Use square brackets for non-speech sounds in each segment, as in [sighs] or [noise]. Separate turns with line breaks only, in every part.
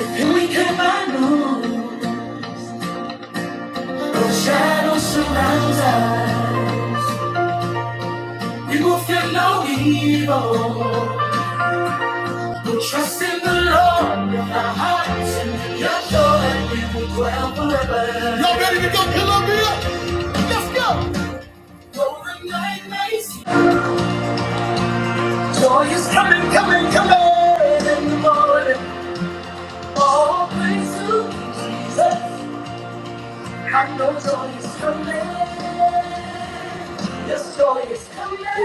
We came by noon, the shadow surrounds us. you will feel no evil. we trust in the Lord with our hearts and your joy. and We will dwell forever. Y'all ready to go, Columbia? Let's go! Though the night may seem- Joy is coming, coming, coming in the morning. All praise to Jesus. I know joy is coming. Yes, joy is coming.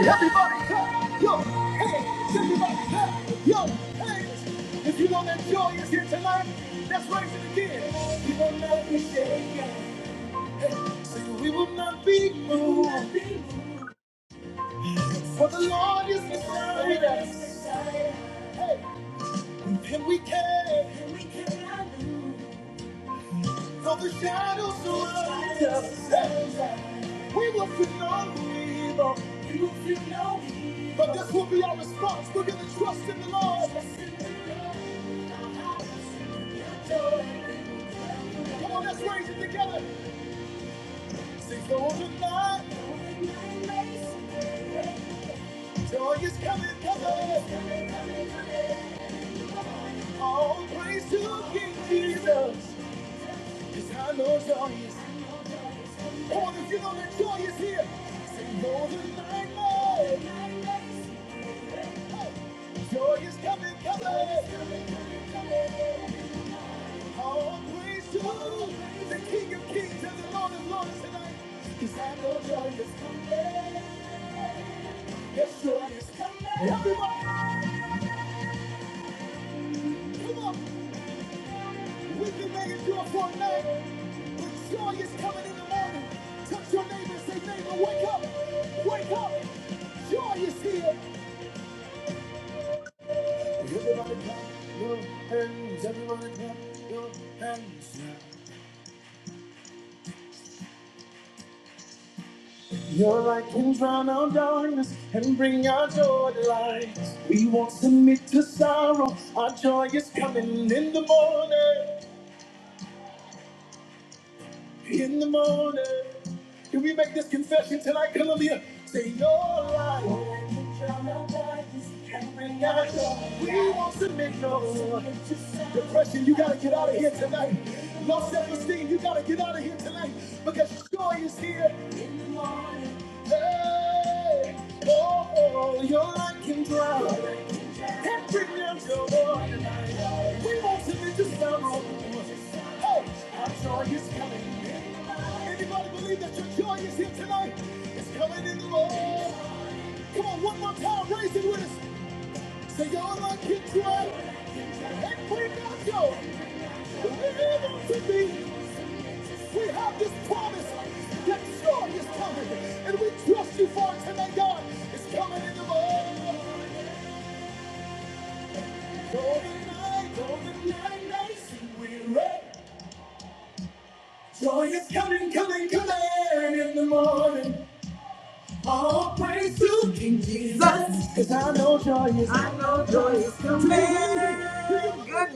Good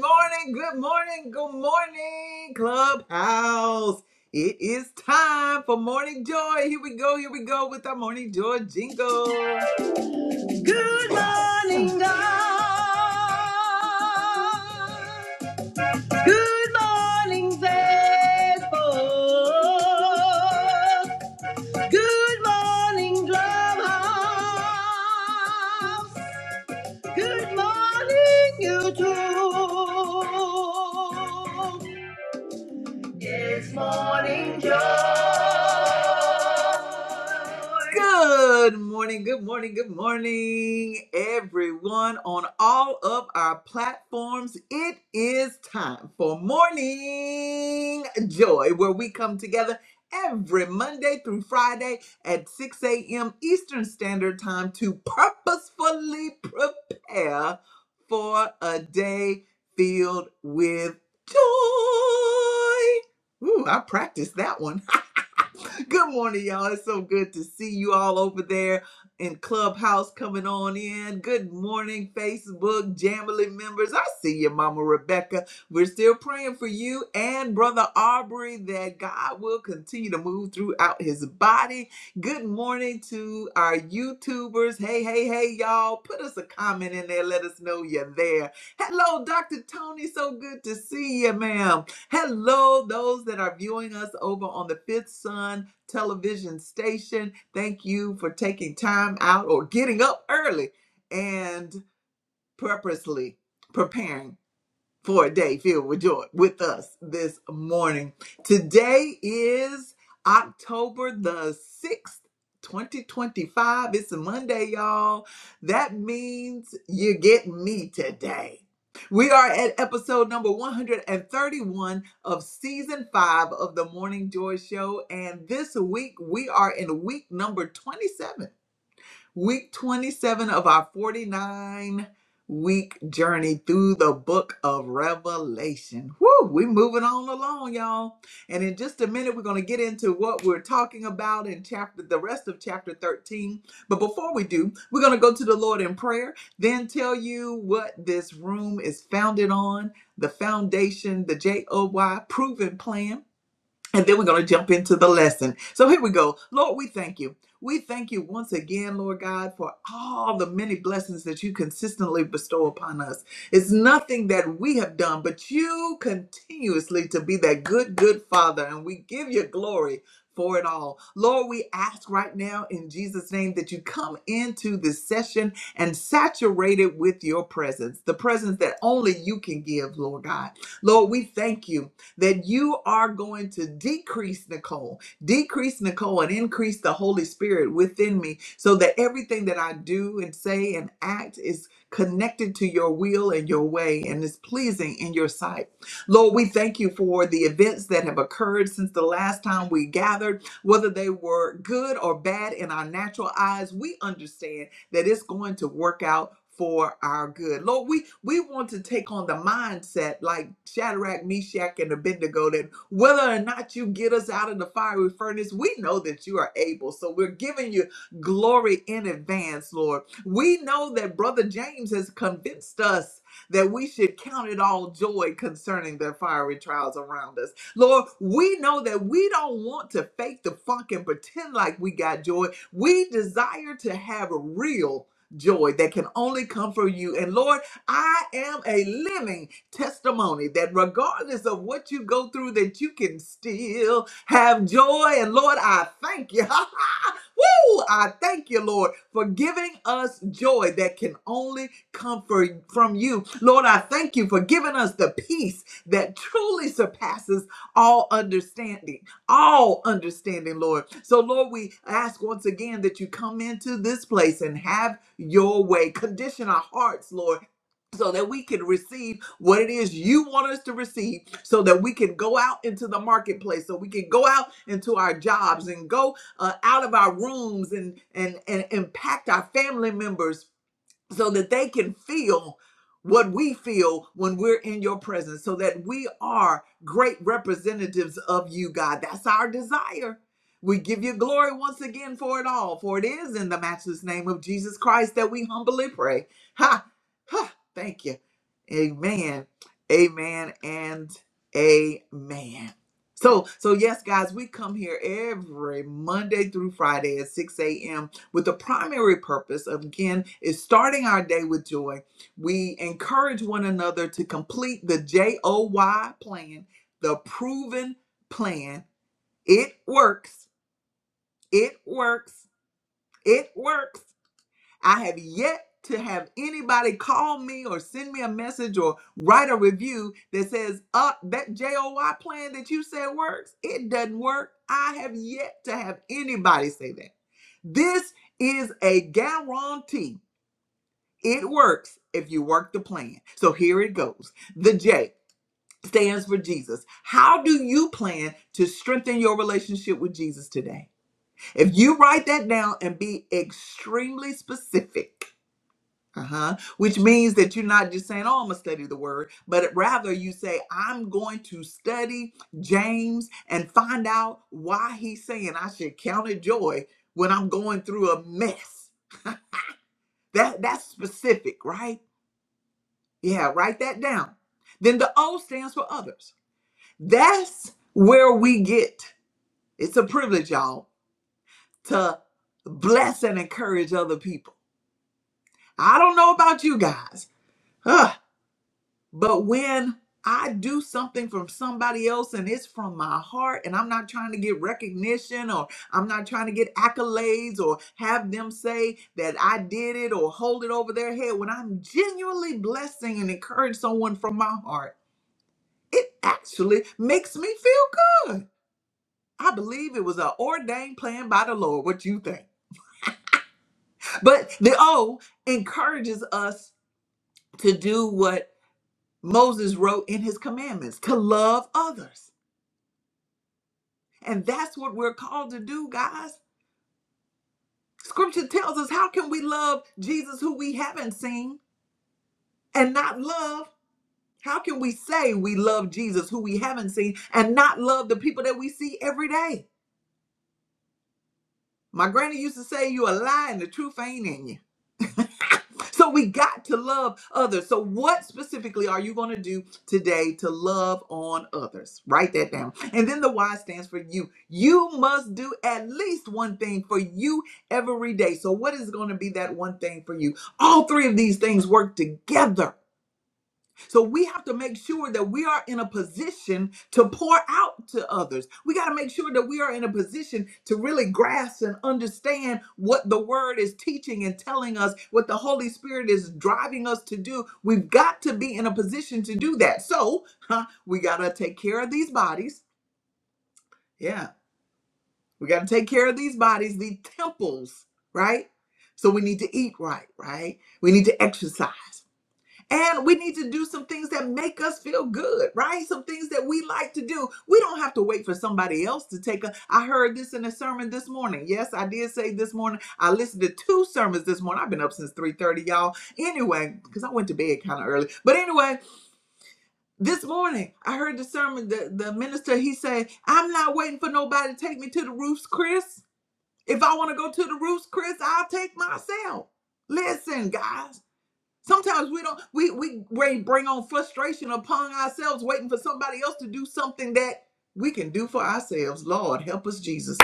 morning, good morning, good morning, Clubhouse. It is time for Morning Joy. Here we go, here we go with our Morning Joy jingle. Good morning, God. Good morning, faithful. Good morning, Clubhouse. Good morning, YouTube. Good morning, good morning, good morning, everyone on all of our platforms. It is time for Morning Joy, where we come together every Monday through Friday at 6 a.m. Eastern Standard Time to purposefully prepare for a day filled with joy. Ooh, I practiced that one. [laughs] good morning, y'all. It's so good to see you all over there in Clubhouse coming on in. Good morning, Facebook Jamily members. I see you, Mama Rebecca. We're still praying for you and Brother Aubrey that God will continue to move throughout his body. Good morning to our YouTubers. Hey, hey, hey, y'all. Put us a comment in there. Let us know you're there. Hello, Dr. Tony. So good to see you, ma'am. Hello, those that are viewing us over on the Fifth Sun television station. Thank you for taking time out or getting up early and purposely preparing for a day filled with joy with us this morning. Today is October the 6th. 2025. It's a Monday, y'all. That means you get me today. We are at episode number 131 of season five of the Morning Joy Show. And this week, we are in week number 27 week 27 of our 49 week journey through the book of Revelation. Woo, we moving on along, y'all. And in just a minute, we're going to get into what we're talking about in chapter the rest of chapter 13. But before we do, we're going to go to the Lord in prayer, then tell you what this room is founded on, the foundation, the J O Y proven plan. And then we're going to jump into the lesson. So here we go. Lord, we thank you. We thank you once again, Lord God, for all the many blessings that you consistently bestow upon us. It's nothing that we have done, but you continuously to be that good, good Father. And we give you glory for it all. Lord, we ask right now in Jesus' name that you come into this session and saturate it with your presence, the presence that only you can give, Lord God. Lord, we thank you that you are going to decrease Nicole, decrease Nicole, and increase the Holy Spirit within me so that everything that I do and say and act is connected to your will and your way and is pleasing in your sight. Lord, we thank you for the events that have occurred since the last time we gathered, whether they were good or bad in our natural eyes. We understand that it's going to work out for our good. Lord, we, we want to take on the mindset like Shadrach, Meshach, and Abednego that whether or not you get us out of the fiery furnace, we know that you are able. So we're giving you glory in advance, Lord. We know that Brother James has convinced us that we should count it all joy concerning the fiery trials around us. Lord, we know that we don't want to fake the funk and pretend like we got joy. We desire to have a real joy that can only come from you. And Lord, I am a living testimony that regardless of what you go through, that you can still have joy. And Lord, I thank you. [laughs] Woo! I thank you, Lord, for giving us joy that can only come for, from you. Lord, I thank you for giving us the peace that truly surpasses all understanding all understanding, Lord. So, Lord, we ask once again that you come into this place and have your way. Condition our hearts, Lord. So that we can receive what it is you want us to receive, so that we can go out into the marketplace, so we can go out into our jobs and go uh, out of our rooms and, and and impact our family members so that they can feel what we feel when we're in your presence, so that we are great representatives of you, God. That's our desire. We give you glory once again for it all, for it is in the matchless name of Jesus Christ that we humbly pray. Ha! Ha! Thank you. Amen. Amen and amen. So, so yes, guys, we come here every Monday through Friday at 6 a.m with the primary purpose of again is starting our day with joy. We encourage one another to complete the J O Y plan, the proven plan. It works. It works. It works. I have yet to have anybody call me or send me a message or write a review that says, uh, that JOY plan that you said works, it doesn't work. I have yet to have anybody say that. This is a guarantee It works if you work the plan. So here it goes. The J stands for Jesus. How do you plan to strengthen your relationship with Jesus today? If you write that down and be extremely specific, uh-huh, which means that you're not just saying, "Oh, I'm gonna study the word," but rather you say, "I'm going to study James and find out why he's saying I should count it joy when I'm going through a mess." That that's specific, right? Yeah, write that down. Then the O stands for others. That's where we get it's a privilege, y'all, to bless and encourage other people. I don't know about you guys, ugh, but when I do something from somebody else and it's from my heart, and I'm not trying to get recognition or I'm not trying to get accolades or have them say that I did it or hold it over their head. When I'm genuinely blessing and encourage someone from my heart, it actually makes me feel good. I believe it was an ordained plan by the Lord. What you think? But the O encourages us to do what Moses wrote in his commandments to love others. And that's what we're called to do, guys. Scripture tells us how can we love Jesus who we haven't seen and not love? How can we say we love Jesus who we haven't seen and not love the people that we see every day? My granny used to say, You a lie and the truth ain't in you. So we got to love others. So what specifically are you going to do today to love on others? Write that down. And then the Y stands for you. You must do at least one thing for you every day. So what is going to be that one thing for you? All three of these things work together so we have to make sure that we are in a position to pour out to others. We got to make sure that we are in a position to really grasp and understand what the word is teaching and telling us, what the Holy Spirit is driving us to do. We've got to be in a position to do that. So huh, we got to take care of these bodies. Yeah, we got to take care of these bodies, these temples, right? So we need to eat right, right? We need to exercise. And we need to do some things that make us feel good, right? Some things that we like to do. We don't have to wait for somebody else to take a. I heard this in a sermon this morning. Yes, I did say this morning. I listened to two sermons this morning. I've been up since 3:30, y'all. Anyway, because I went to bed kind of early. But anyway, this morning I heard the sermon. The, the minister he said, I'm not waiting for nobody to take me to the roofs, Chris. If I want to go to the roofs, Chris, I'll take myself. Listen, guys. Sometimes we don't we we we bring on frustration upon ourselves waiting for somebody else to do something that we can do for ourselves. Lord, help us Jesus.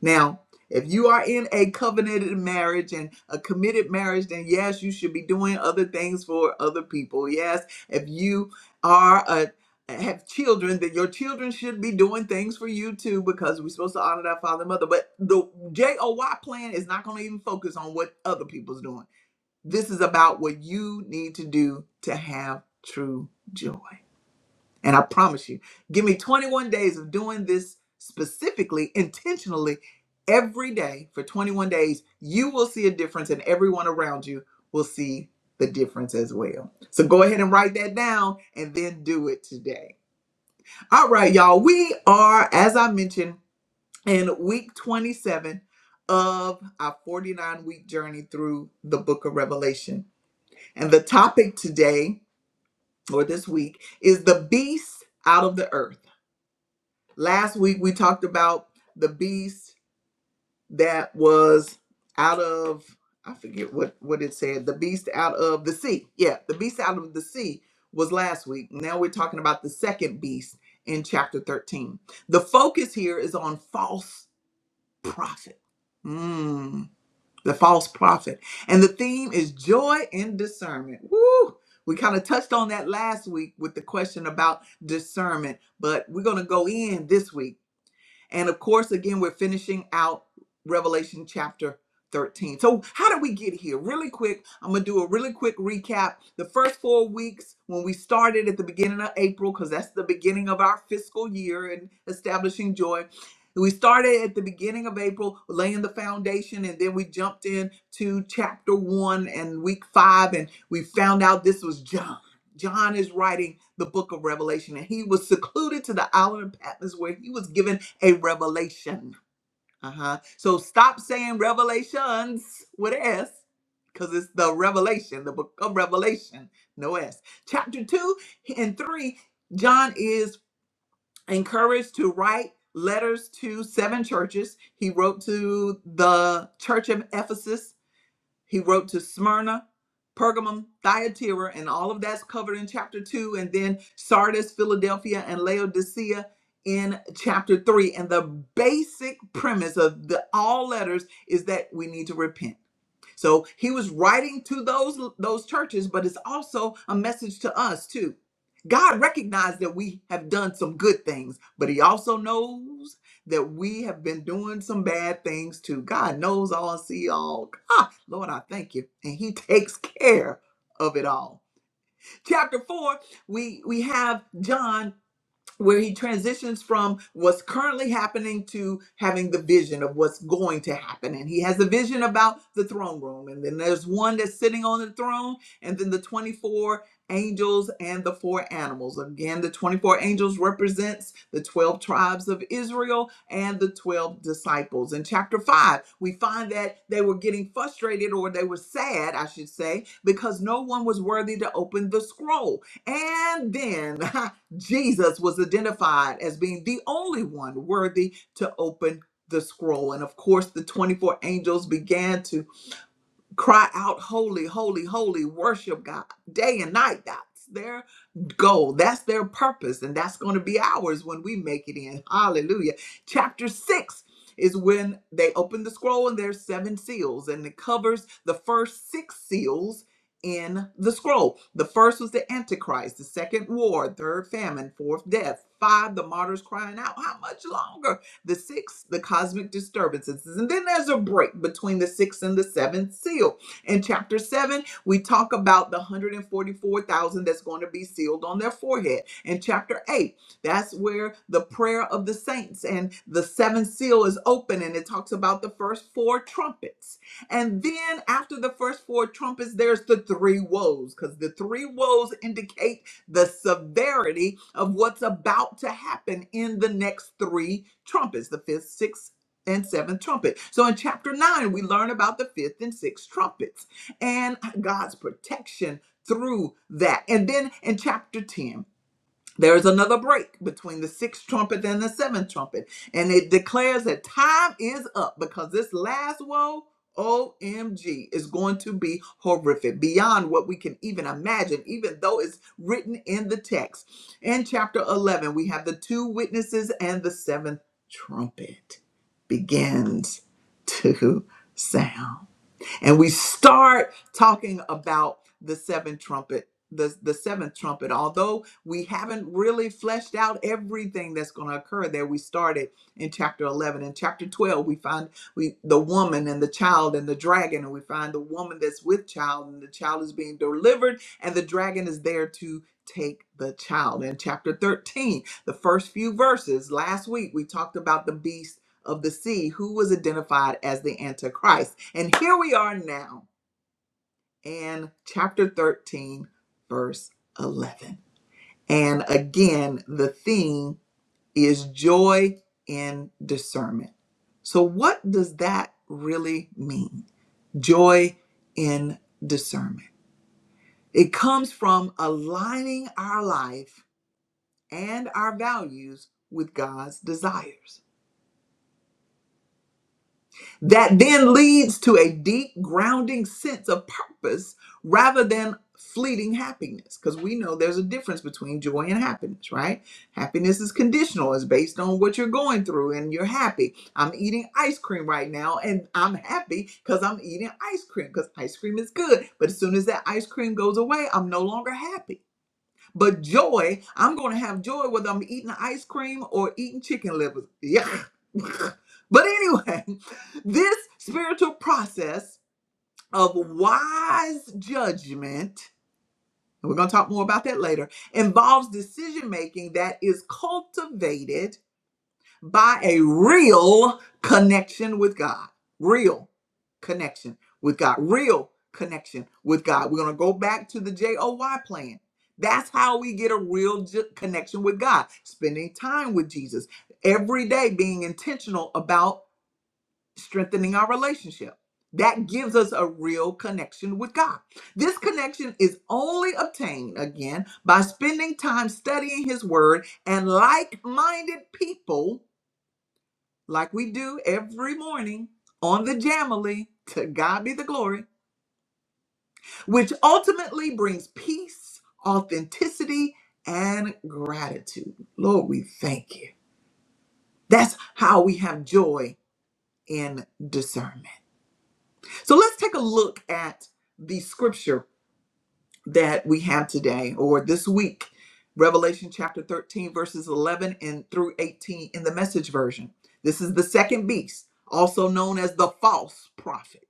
Now, if you are in a covenanted marriage and a committed marriage, then yes, you should be doing other things for other people. Yes, if you are a have children, then your children should be doing things for you too, because we're supposed to honor our father and mother. But the J O Y plan is not going to even focus on what other people's doing this is about what you need to do to have true joy. And I promise you, give me 21 days of doing this specifically, intentionally, every day for 21 days. You will see a difference, and everyone around you will see the difference as well. So go ahead and write that down and then do it today. All right, y'all. We are, as I mentioned, in week 27 of our 49 week journey through the book of Revelation. And the topic today or this week is the beast out of the earth. Last week we talked about the beast that was out of I forget what what it said, the beast out of the sea. Yeah, the beast out of the sea was last week. Now we're talking about the second beast in chapter 13. The focus here is on false prophet. Mm. the false prophet. And the theme is joy and discernment. Woo! We kind of touched on that last week with the question about discernment, but we're going to go in this week and of course, again, we're finishing out Revelation chapter 13. So, how did we get here? Really quick, I'm going to do a really quick recap. The first four weeks, when we started at the beginning of April, because that's the beginning of our fiscal year and establishing joy. We started at the beginning of April, laying the foundation, and then we jumped in to chapter one and week five, and we found out this was John. John is writing the book of Revelation, and he was secluded to the island of Patmos where he was given a revelation. Uh huh. So stop saying revelations with an S, because it's the revelation, the book of Revelation, no S. Chapter 2 and 3, John is encouraged to write letters to seven churches. He wrote to the church of Ephesus. He wrote to Smyrna, Pergamum, Thyatira, and all of that's covered in chapter two, and then Sardis, Philadelphia, and Laodicea in chapter three. And the basic premise of the all letters is that we need to repent. So he was writing to those those churches, but it's also a message to us too. God recognized that we have done some good things, but he also knows that we have been doing some bad things too. God knows all, see all. Ah, Lord, I thank you. And he [laughs] takes care of it all. Chapter 4, we we have John where he transitions from what's currently happening to having the vision of what's going to happen. And he has a vision about the throne room. And then there's one that's sitting on the throne, and then the 24 angels and the four animals. Again, the 24 angels represents the 12 tribes of Israel and the 12 disciples. In chapter 5, we find that they were getting frustrated or they were sad, I should say, because no one was worthy to open the scroll. And then [laughs] Jesus was identified as being the only one worthy to open the scroll. And of course, the 24 angels began to cry out holy holy holy worship god day and night that's their goal that's their purpose and that's going to be ours when we make it in hallelujah chapter 6 is when they open the scroll and there's seven seals and it covers the first six seals in the scroll the first was the antichrist the second war third famine fourth death five the martyrs crying out how much longer the sixth, the cosmic disturbances. And then there's a break between the sixth and the seventh seal. In chapter seven, we talk about the 144,000 that's going to be sealed on their forehead. In chapter eight, that's where the prayer of the saints and the seventh seal is open, and it talks about the first four trumpets. And then after the first four trumpets, there's the three woes, because the three woes indicate the severity of what's about to happen in the next three trumpets the fifth, sixth, and seventh trumpet. So in chapter nine, we learn about the fifth and sixth trumpets and God's protection through that. And then in chapter 10, there is another break between the sixth trumpet and the seventh trumpet, and it declares that time is up because this last woe, OMG, is going to be horrific beyond what we can even imagine, even though it's written in the text. In chapter 11, we have the two witnesses and the seventh trumpet begins to sound and we start talking about the seventh trumpet the, the seventh trumpet although we haven't really fleshed out everything that's going to occur there we started in chapter 11 in chapter 12 we find we the woman and the child and the dragon and we find the woman that's with child and the child is being delivered and the dragon is there to take the child in chapter 13 the first few verses last week we talked about the beast of the sea who was identified as the antichrist and here we are now in chapter 13, verse 11. And again, the theme is joy in discernment. So, what does that really mean? Joy in discernment. It comes from aligning our life and our values with God's desires. that then leads to a deep grounding sense of purpose rather than fleeting happiness because we know there's a difference between joy and happiness right happiness is conditional it's based on what you're going through and you're happy i'm eating ice cream right now and i'm happy because i'm eating ice cream because ice cream is good but as soon as that ice cream goes away i'm no longer happy but joy, I'm going to have joy whether I'm eating ice cream or eating chicken livers. Yeah. [laughs] but anyway, [laughs] this spiritual process of wise judgment, and we're going to talk more about that later, involves decision making that is cultivated by a real connection with God. Real connection with God. Real connection with God. We're going to go back to the J O Y plan. That's how we get a real j- connection with God, spending time with Jesus every day, being intentional about strengthening our relationship. That gives us a real connection with God. This connection is only obtained again by spending time studying His Word and like minded people like we do every morning on the Jamily, to God be the glory, which ultimately brings peace, authenticity, and gratitude. Lord, we thank you. That's how we have joy in discernment. So let's take a look at the scripture that we have today or this week. Revelation chapter 13, verses 11 and through 18 in the message version. This is the second beast, also known as the false prophet.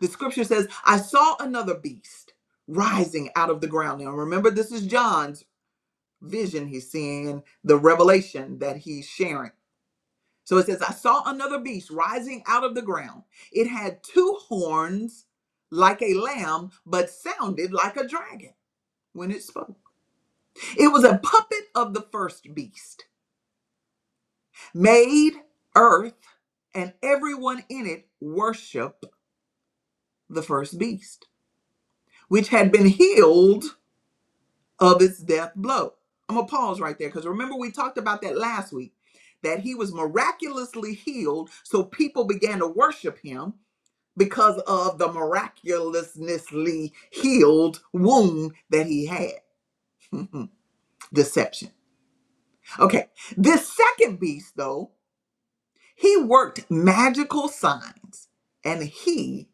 The scripture says, I saw another beast rising out of the ground. Now, remember, this is John's vision he's seeing, the revelation that he's sharing. So it says, I saw another beast rising out of the ground. It had two horns like a lamb, but sounded like a dragon when it spoke. It was a puppet of the first beast, made earth and everyone in it worship the first beast, which had been healed of its death blow. I'm gonna pause right there because remember we talked about that last week that he was miraculously healed, so people began to worship him because of the miraculously healed wound that he had. [laughs] Deception. Okay, this second beast though, he worked magical signs and he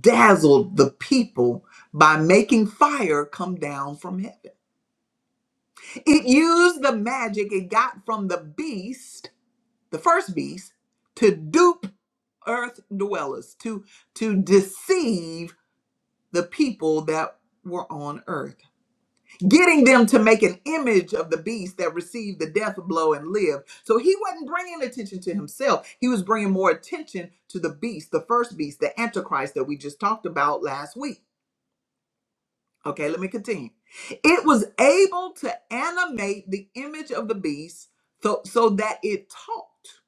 dazzled the people by making fire come down from heaven. It used the magic it got from the beast, the first beast, to dupe earth dwellers, to to deceive the people that were on earth, getting them to make an image of the beast that received the death blow and lived. So he wasn't bringing attention to himself. He was bringing more attention to the beast, the first beast, the antichrist that we just talked about last week. Okay, let me continue. It was able to animate the image of the beast so, so that it talked,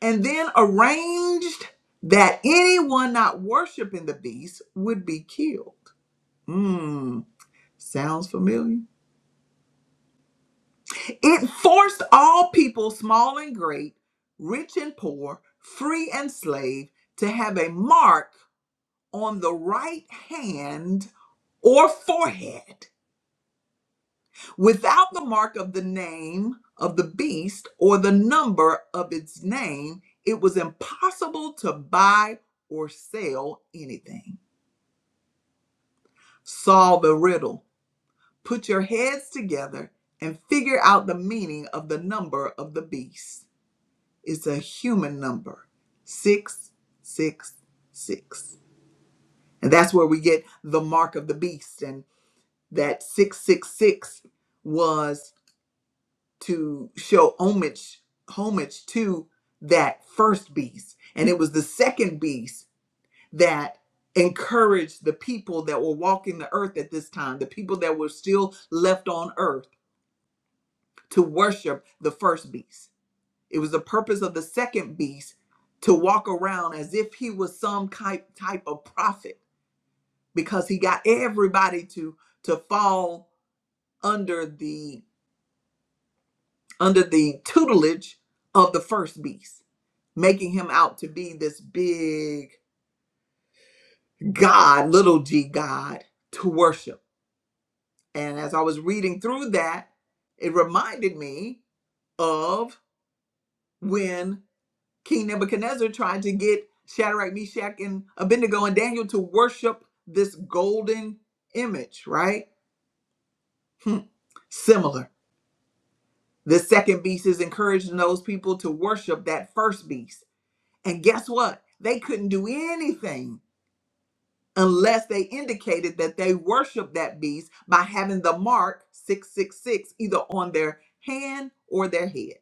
and then arranged that anyone not worshiping the beast would be killed. Mmm, sounds familiar. It forced all people, small and great, rich and poor, free and slave, to have a mark on the right hand or forehead without the mark of the name of the beast or the number of its name, it was impossible to buy or sell anything. Solve the riddle. Put your heads together and figure out the meaning of the number of the beast. It's a human number 666. And that's where we get the mark of the beast. And that 666 was. to show homage homage to that first beast and it was the second beast that encouraged the people that were walking the earth at this time the people that were still left on earth to worship the first beast it was the purpose of the second beast to walk around as if he was some type type of prophet because he got everybody to to fall under the under the tutelage of the first beast making him out to be this big God, little g God to worship. And as I was reading through that, it reminded me of when King Nebuchadnezzar tried to get Shadrach, Meshach, and Abednego and Daniel to worship this golden image, right? Hmm. Similar. The second beast is encouraging those people to worship that first beast. And guess what? They couldn't do anything unless they indicated that they worship that beast by having the mark 666 either on their hand or their head.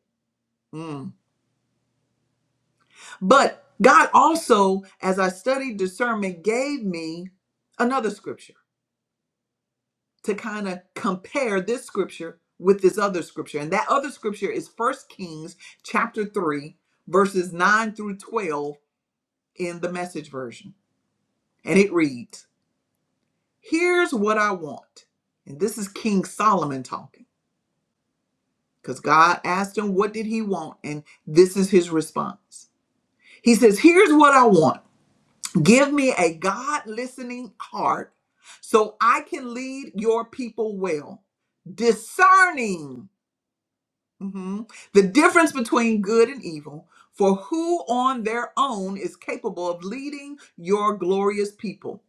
Mm. But God also, as I studied discernment, gave me another scripture to kind of compare this scripture with this other scripture. And that other scripture is First Kings chapter 3, verses 9 through 12 in the message version. And it reads, Here's what I want. And this is King Solomon talking. because God asked him, What did he want? And this is his response. He says, Here's what I want give me a God listening heart so I can lead your people well, discerning mhm, the difference between good and evil. For who on their own is capable of leading your glorious people?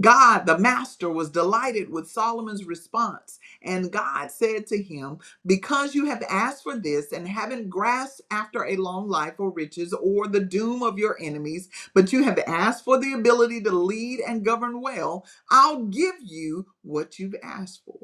God, the master, was delighted with Solomon's response. And God said to him, Because you have asked for this and haven't grasped after a long life or riches or the doom of your enemies, but you have asked for the ability to lead and govern well, I'll give you what you've asked for.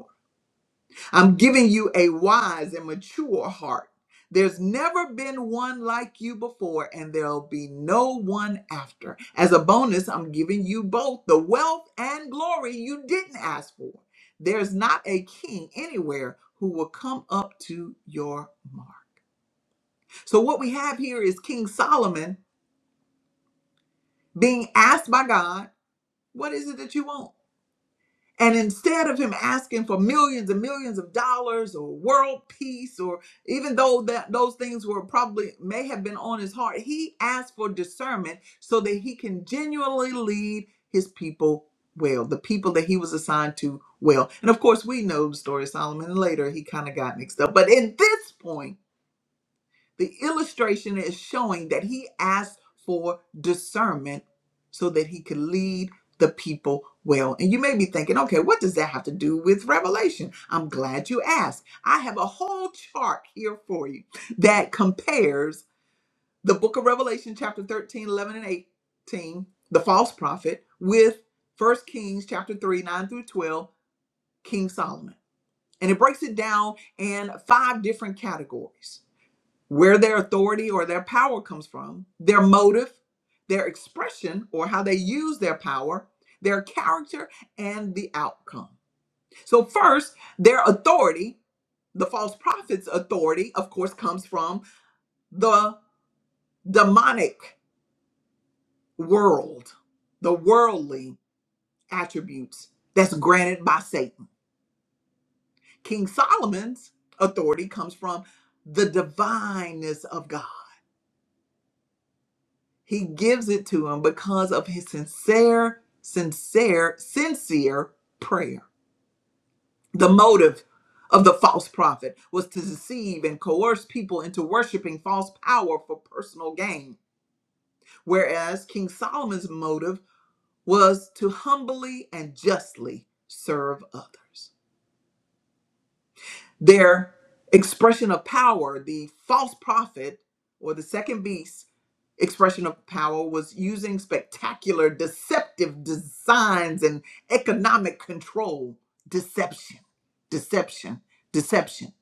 I'm giving you a wise and mature heart. There's never been one like you before, and there'll be no one after. As a bonus, I'm giving you both the wealth and glory you didn't ask for. There's not a king anywhere who will come up to your mark. So, what we have here is King Solomon being asked by God, What is it that you want? And instead of him asking for millions and millions of dollars or world peace, or even though that those things were probably may have been on his heart, he asked for discernment so that he can genuinely lead his people well, the people that he was assigned to well. And of course, we know the story of Solomon. Later, he kind of got mixed up. But at this point, the illustration is showing that he asked for discernment so that he could lead the people well. And you may be thinking, okay, what does that have to do with Revelation? I'm glad you asked. I have a whole chart here for you that compares the book of Revelation, chapter 13, 11, and 18, the false prophet, with First Kings, chapter 3, 9 through 12, King Solomon. And it breaks it down in five different categories where their authority or their power comes from, their motive, their expression or how they use their power, their character, and the outcome. So, first, their authority, the false prophet's authority, of course, comes from the demonic world, the worldly attributes that's granted by Satan. King Solomon's authority comes from the divineness of God He gives it to him because of his sincere, sincere, sincere prayer. The motive of the false prophet was to deceive and coerce people into worshiping false power for personal gain, whereas King Solomon's motive was to humbly and justly serve others. Their expression of power, the false prophet or the second beast, expression of power was using spectacular deceptive designs and economic control deception deception deception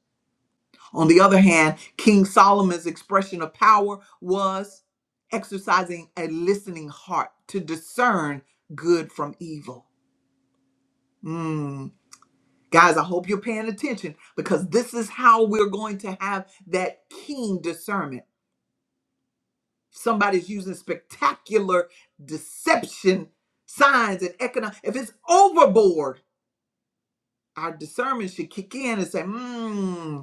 on the other hand king solomon's expression of power was exercising a listening heart to discern good from evil Mm. guys i hope you're paying attention because this is how we're going to have that keen discernment Somebody's using spectacular deception signs and economic. If it's overboard, our discernment should kick in and say, hmm,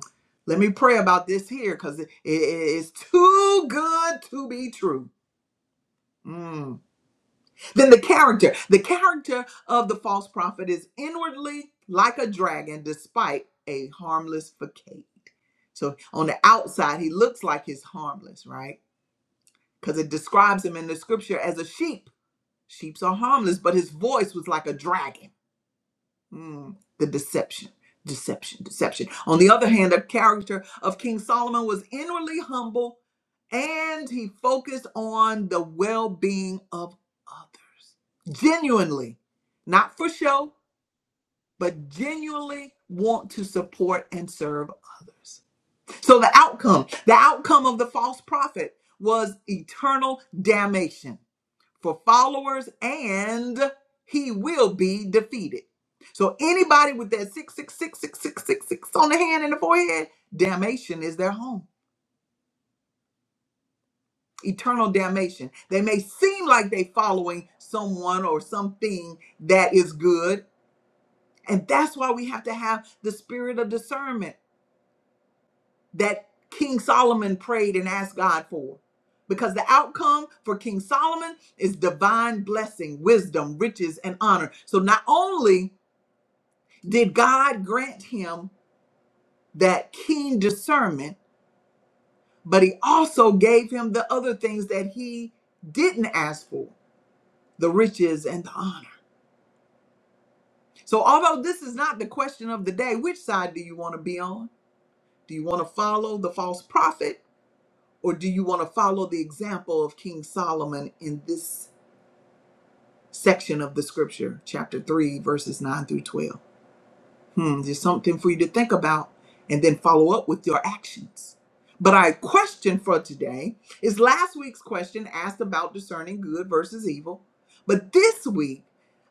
let me pray about this here because it is too good to be true. Mm. Then the character, the character of the false prophet is inwardly like a dragon, despite a harmless facade. So on the outside, he looks like he's harmless, right? Because it describes him in the scripture as a sheep Sheeps are harmless, but his voice was like a dragon. Mm, the deception, deception, deception. On the other hand, the character of King Solomon was inwardly humble and he focused on the well being of others. Genuinely, not for show, but genuinely want to support and serve others. So the outcome, the outcome of the false prophet was eternal damnation for followers and he will be defeated. So anybody with that six six six six six six six on the hand and the forehead, damnation is their home. Eternal damnation. They may seem like they following someone or something that is good, and that's why we have to have the spirit of discernment that King Solomon prayed and asked God for. Because the outcome for King Solomon is divine blessing, wisdom, riches, and honor. So not only did God grant him that keen discernment, but he also gave him the other things that he didn't ask for the riches and the honor. So, although this is not the question of the day, which side do you want to be on? Do you want to follow the false prophet or do you want to follow the example of King Solomon in this section of the scripture, chapter 3, verses 9 through 12? Hmm, there's something for you to think about and then follow up with your actions. But our question for today is last week's question asked about discerning good versus evil. But this week,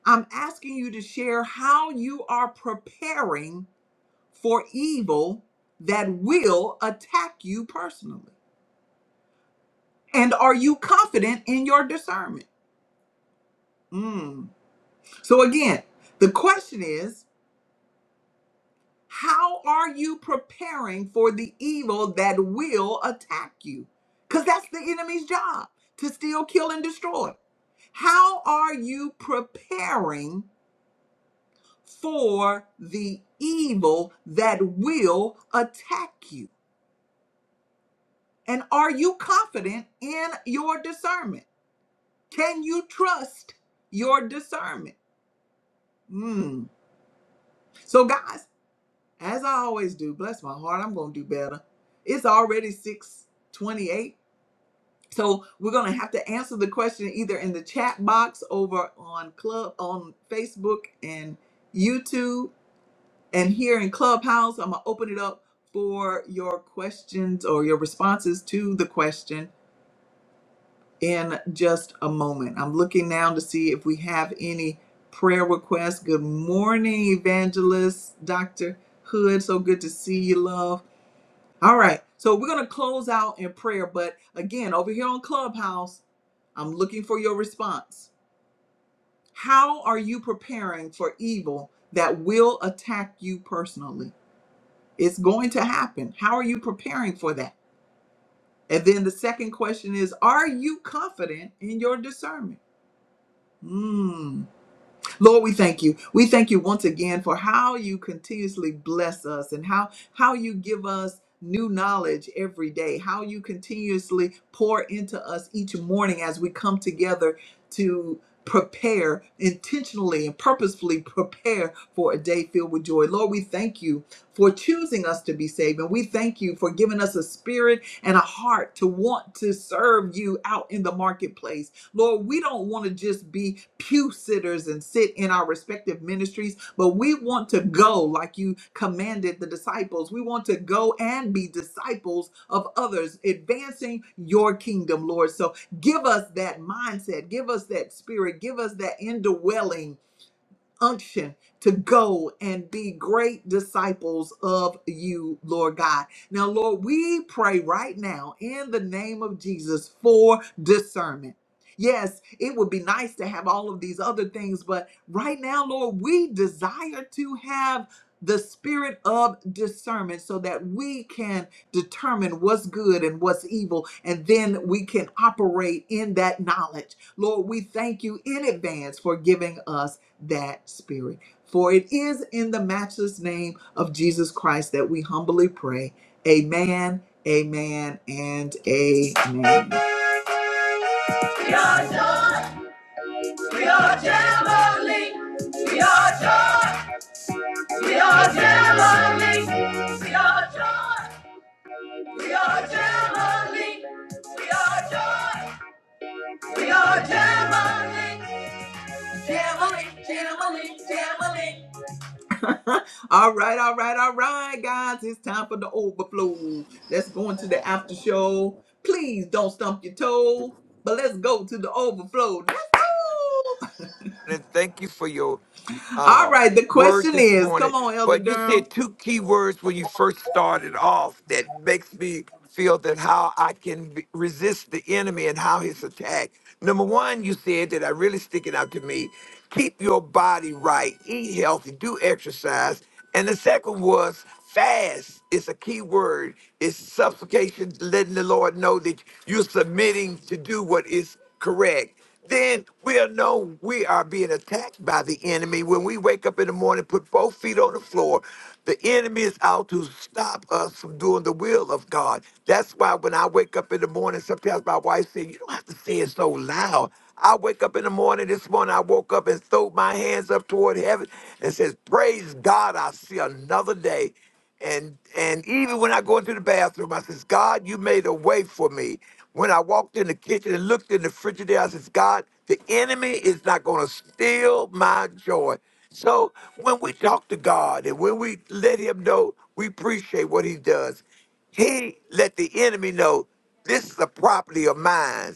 I'm asking you to share how you are preparing for evil that will attack you personally. And are you confident in your discernment? Hmm. So, again, the question is How are you preparing for the evil that will attack you? Because that's the enemy's job to steal, kill, and destroy. How are you preparing for the evil that will attack you? And are you confident in your discernment? Can you trust your discernment? Mm. So, guys, as I always do, bless my heart, I'm going to do better. It's already 6:28. So we're gonna have to answer the question either in the chat box over on Club on Facebook and YouTube and here in Clubhouse. I'm gonna open it up for your questions or your responses to the question in just a moment. I'm looking now to see if we have any prayer requests. Good morning, evangelist Dr. Hood. So good to see you, love. All right. So we're gonna close out in prayer, but again, over here on Clubhouse. I'm looking for your response. How are you preparing for evil that will attack you personally? It's going to happen. How are you preparing for that? And then the second question is Are you confident in your discernment? Hmm. Lord, we thank you. We thank you once again for how you continuously bless us and how how you give us new knowledge every day, how you continuously pour into us each morning as we come together to prepare intentionally and purposefully prepare for a day filled with joy. Lord, we thank you for choosing us to be saved and we thank you for giving us a spirit and a heart to want to serve you out in the marketplace. Lord, we don't want to just be pew sitters and sit in our respective ministries, but we want to go like you commanded the disciples. We want to go and be disciples of others, advancing your kingdom, Lord. So give us that mindset, give us that spirit, give us that indwelling unction to go and be great disciples of you, Lord God. Now, Lord, we pray right now in the name of Jesus for discernment. Yes, it would be nice to have all of these other things, but right now, Lord, we desire to have the spirit of discernment so that we can determine what's good and what's evil, and then we can operate in that knowledge. Lord, we thank you in advance for giving us that spirit. For it is in the matchless name of Jesus Christ that we humbly pray. Amen, amen, and amen. We are joy, we are jubilee. We are joy, we are jubilee. We are joy, we are jubilee. We are joy, we are jubilee. Jubilee, jubilee, jubilee. [laughs] all right, all right, all right, guys. It's time for the overflow. Let's go into the after show. Please don't stump your toe, but let's go to the overflow. Let's go.
And Thank you for your
All
um,
right, the
word
question
this
is come
morning.
on, Elder
But you
Durham.
said two key words when you first started off that makes me feel that how I can be- resist the enemy and how his attack. Number one, you said that I really sticking out to me. Keep your body right, eat healthy, do exercise. And the second was fast is a key word. It's supplication, letting the Lord know that you're submitting to do what is correct, then we'll know we are being attacked by the enemy. When we wake up in the morning, put both feet on the floor, the enemy is out to stop us from doing the will of God. That's why when I wake up in the morning, sometimes my wife says, You don't have to say it so loud. I wake up in the morning this morning, I woke up and threw my hands up toward heaven and says, Praise God, I see another day. And and even when I go into the bathroom, I says, God, you made a way for me. When I walked in the kitchen and looked in the frigidaire, I says, God, the enemy is not gonna steal my joy. So when we talk to God and when we let him know we appreciate what he does, he let the enemy know this is a property of mine.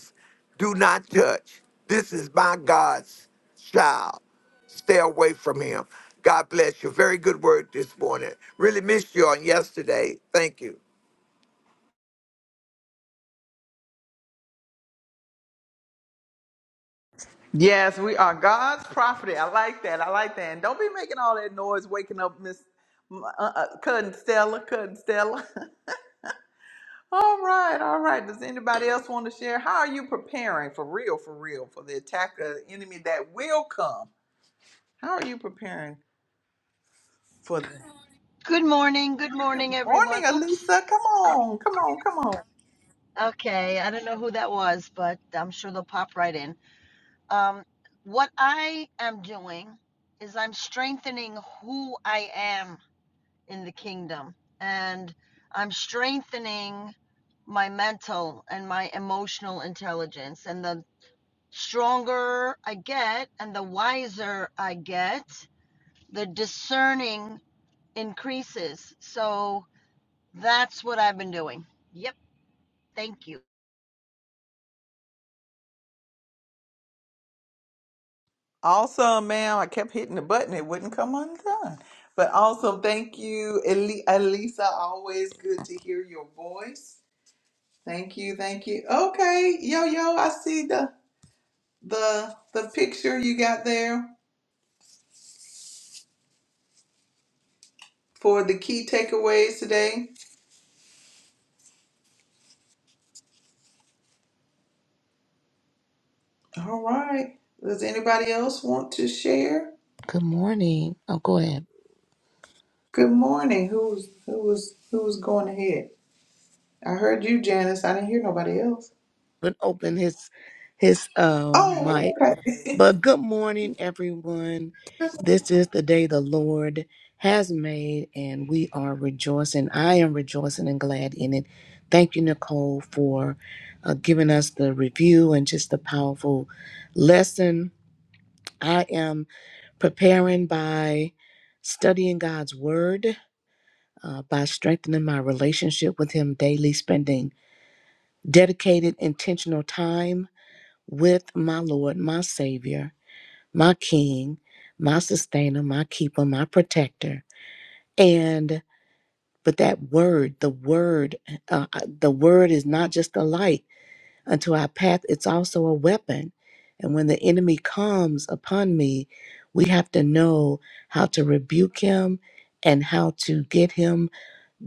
Do not touch. This is my God's child. Stay away from him. God bless you. Very good word this morning. Really missed you on yesterday. Thank you.
Yes, we are God's property. I like that. I like that. And don't be making all that noise waking up Miss uh, uh, Cousin Stella. Cousin Stella. [laughs] all right, all right. Does anybody else want to share? How are you preparing for real, for real, for the attack of the enemy that will come? How are you preparing for the Good
Good morning. Good morning, everyone.
morning,
Oops.
Elisa. Come
Uh,
on, come on, come on.
Okay. I don't know who that was, but I'm sure they'll pop right in. Um, what I am doing is I'm strengthening who I am in the kingdom, and I'm strengthening my mental and my emotional intelligence. And the stronger I get and the wiser I get, the discerning increases. So that's what I've been doing. Yep. Thank you.
Awesome, ma'am. I kept hitting the button, it wouldn't come undone. But awesome. Thank you, Eli- Elisa. Always good to hear your voice. Thank you, thank you. Okay, yo, yo, I see the the the picture you got there for the key takeaways today. All right. Does anybody else want to share?
Good morning. Oh, go ahead.
Good morning. Who's who was who was going ahead? I heard you, Janice. I didn't hear nobody else.
But open his his um
Oh,
mic.
okay.
But good morning, everyone. This is the day the Lord has made, and we are rejoicing. I am rejoicing and glad in it. Thank you, Nicole, for uh, giving us the review and just the powerful lesson. I am preparing by studying God's Word, uh, by strengthening my relationship with Him daily, spending dedicated intentional time with my Lord, my Savior, my King, my sustainer, my keeper, my protector. And but that word, the word, uh, uh, the word is not just a light unto our path, it's also a weapon. And when the enemy comes upon me, we have to know how to rebuke him and how to get him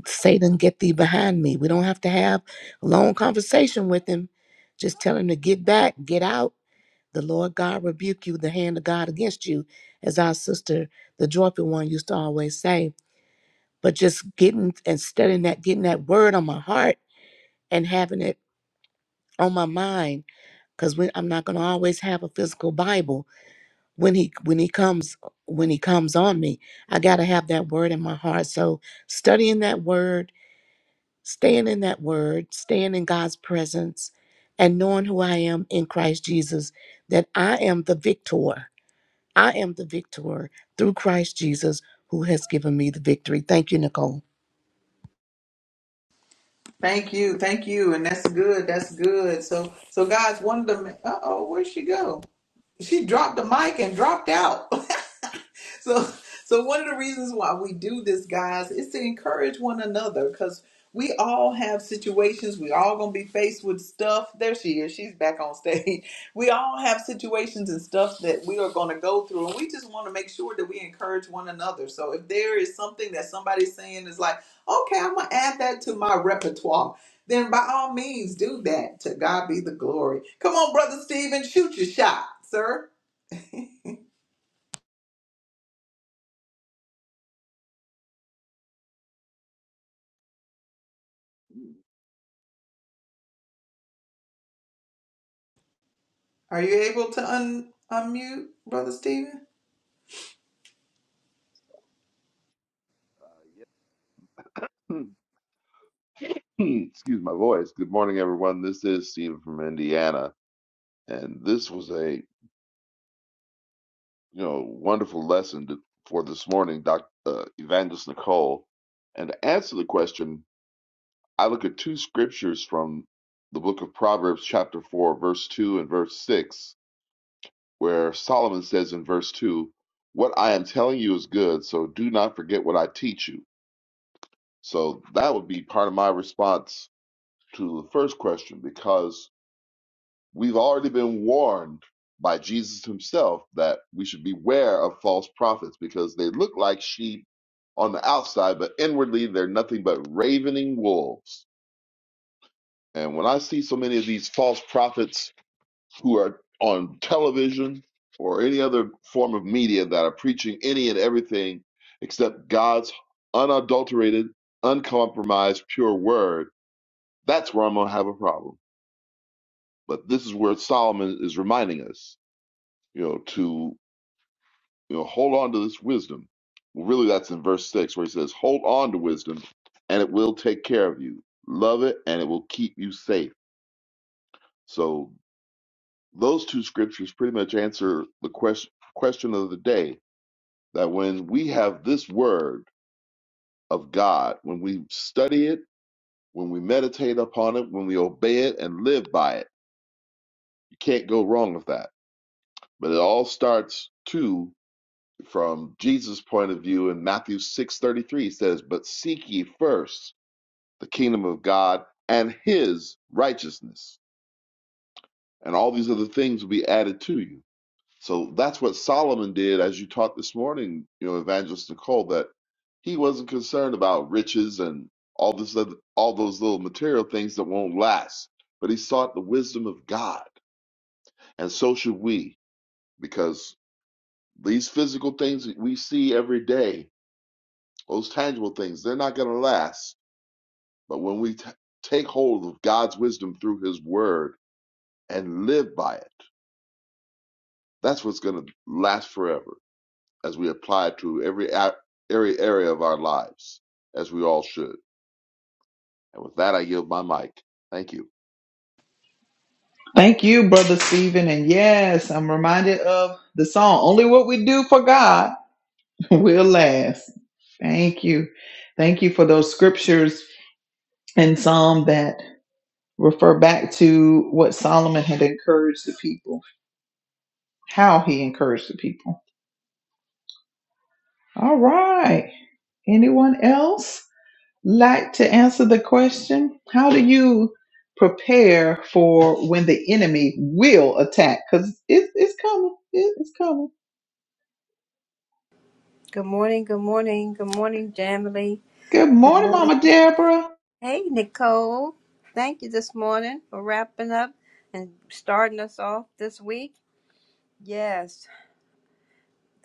Satan, get thee behind me. We don't have to have a long conversation with him. Just tell him to get back, get out. The Lord God rebuke you, the hand of God against you, as our sister, the joyful one, used to always say. But just getting and studying that, getting that word on my heart and having it on my mind, because I'm not going to always have a physical Bible when he when he comes when he comes on me. I got to have that word in my heart. So studying that word Staying in that word, staying in God's presence, and knowing who I am in Christ Jesus, that I am the victor. I am the victor through Christ Jesus who has given me the victory. Thank you, Nicole.
[laughs] thank you, thank you, and that's good. That's good. So, so guys, one of the uh oh, where'd she go? she dropped the mic and dropped out. [laughs] so so one of the reasons why we do this, guys, is to encourage one another because we all have situations. We all gonna be faced with stuff. There she is. She's back on stage. [laughs] We all have situations and stuff that we are gonna go through, and we just want to make sure that we encourage one another. So if there is something that somebody's saying is like, okay, I'm gonna add that to my repertoire then by all means do that. To God be the glory. Come on, Brother Stephen, shoot your shot, sir. Are you able to un- unmute, Brother Stephen?
Hmm. [clears throat] Excuse my voice. Good morning, everyone. This is Stephen from Indiana, and this was a you know wonderful lesson to, for this morning, Dr. Uh, Evangelist Nicole. And to answer the question, I look at two scriptures from the book of Proverbs, chapter four, verse two and verse six, where Solomon says in verse two, "What I am telling you is good, so do not forget what I teach you." So that would be part of my response to the first question, because We've already been warned by Jesus himself that we should beware of false prophets because they look like sheep on the outside, but inwardly they're nothing but ravening wolves. And when I see so many of these false prophets who are on television or any other form of media that are preaching any and everything except God's unadulterated, uncompromised, pure word, that's where I'm going to have a problem. But this is where Solomon is reminding us, you know, to You know, hold on to this wisdom. Well, really, that's in verse six where he says, "Hold on to wisdom, and it will take care of you. Love it, and it will keep you safe." So those two scriptures pretty much answer the question question of the day that when we have this word of God, when we study it, when we meditate upon it, when we obey it and live by it, you can't go wrong with that. But it all starts too from Jesus' point of view in Matthew six thirty three. He says, "But seek ye first." the kingdom of God and his righteousness. And all these other things will be added to you. So that's what Solomon did, as you taught this morning, you know, Evangelist Nicole, that he wasn't concerned about riches and all this other, all those little material things that won't last. But he sought the wisdom of God. And so should we, because these physical things that we see every day, those tangible things, they're not going to last. But when we t- take hold of God's wisdom through his word, and live by it. That's what's going to last forever as we apply it to every, every area of our lives, as we all should. And with that, I yield my mic. Thank you.
Thank you, Brother Stephen. And yes, I'm reminded of the song, Only What We Do for God [laughs] Will Last. Thank you. Thank you for those scriptures and Psalm that refer back to what Solomon had encouraged the people, how he encouraged the people. All right. Anyone else? like to answer the question? How do you prepare for when the enemy will attack? Because it's it's coming. It- It's coming.
Good morning, good morning, good morning, Jamily.
Good
Good
morning,
morning.
Mama Deborah.
Hey, Nicole. Thank you this morning for wrapping up and starting us off this week. Yes,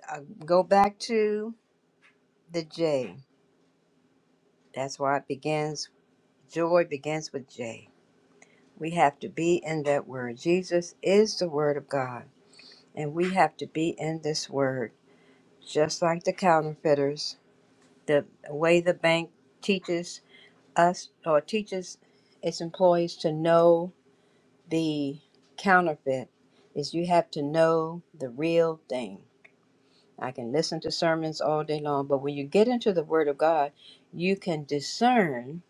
I go back to the J. That's why it begins, joy begins with J. We have to be in that word. Jesus is the word of God, and we have to be in this word, just like the counterfeiters, the way the bank teaches us or teaches its employees to know the counterfeit is you have to know the real thing. I can listen to sermons all day long, but when you get into the Word of God, you can discern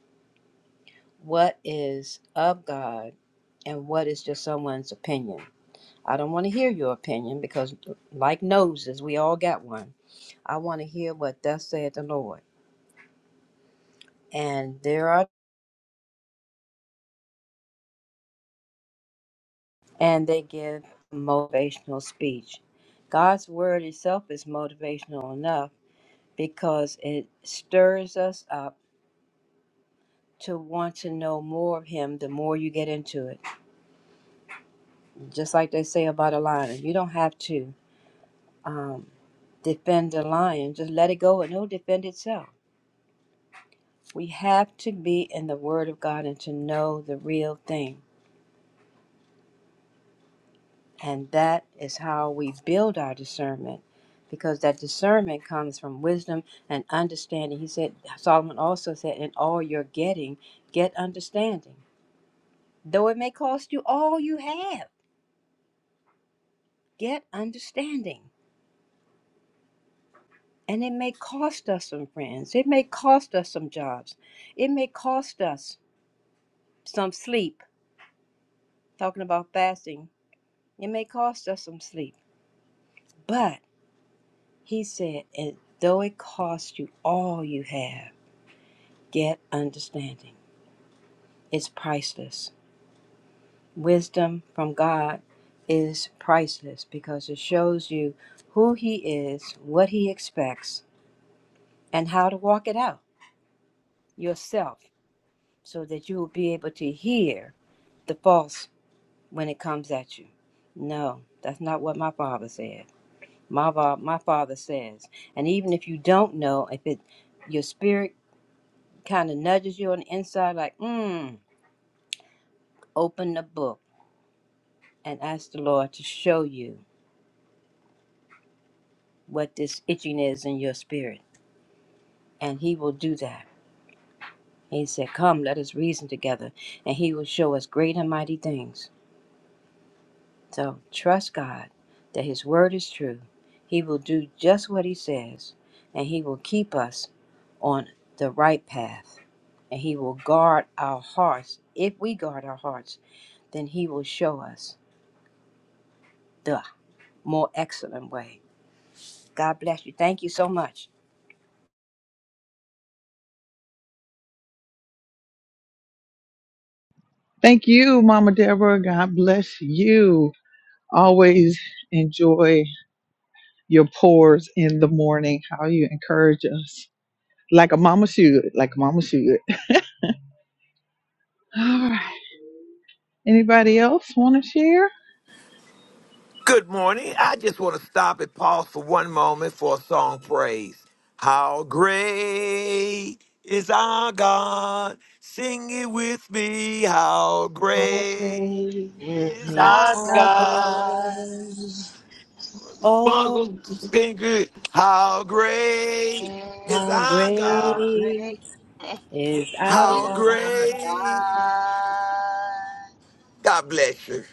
what is of God and what is just someone's opinion. I don't want to hear your opinion because, like noses, we all got one. I want to hear what thus saith the Lord. And there are and they give motivational speech. God's word itself is motivational enough because it stirs us up to want to know more of Him the more you get into it. Just like they say about a lion, you don't have to um, defend the lion, just let it go and it'll defend itself. We have to be in the Word of God and to know the real thing. And that is how we build our discernment because that discernment comes from wisdom and understanding. He said, Solomon also said, In all you're getting, get understanding. Though it may cost you all you have, get understanding. And it may cost us some friends, it may cost us some jobs, it may cost us some sleep. Talking about fasting, it may cost us some sleep. But he said, and though it costs you all you have, Get understanding. It's priceless. Wisdom from God is priceless because it shows you who He is, what He expects, and how to walk it out yourself so that you will be able to hear the false when it comes at you. No, that's not what my father said. My, fa- my father says, and even if you don't know, if it your spirit kind of nudges you on the inside, like, mm, open the book and ask the Lord to show you what this itching is in your spirit. And He will do that. He said, Come, let us reason together, and He will show us great and mighty things. So trust God that His word is true. He will do just what He says, and He will keep us on the right path. And He will guard our hearts. If we guard our hearts, then He will show us the more excellent way. God bless you. Thank you so much.
Thank you, Mama Deborah. God bless you. Always enjoy your pours in the morning, how you encourage us. Like a mama should, like a mama should. All right. Anybody else want to share?
Good morning. I just want to stop and pause for one moment for a song praise. How great is our God? Sing it with me. How
How
great
great
Is
is
is
our
our
our
God?
God.
God? Oh,
Well, it's been good. How great is
Hey,
how
our
How
God?
great
great
[laughs]
is our
How
is
God?
our
great?
God.
God bless you.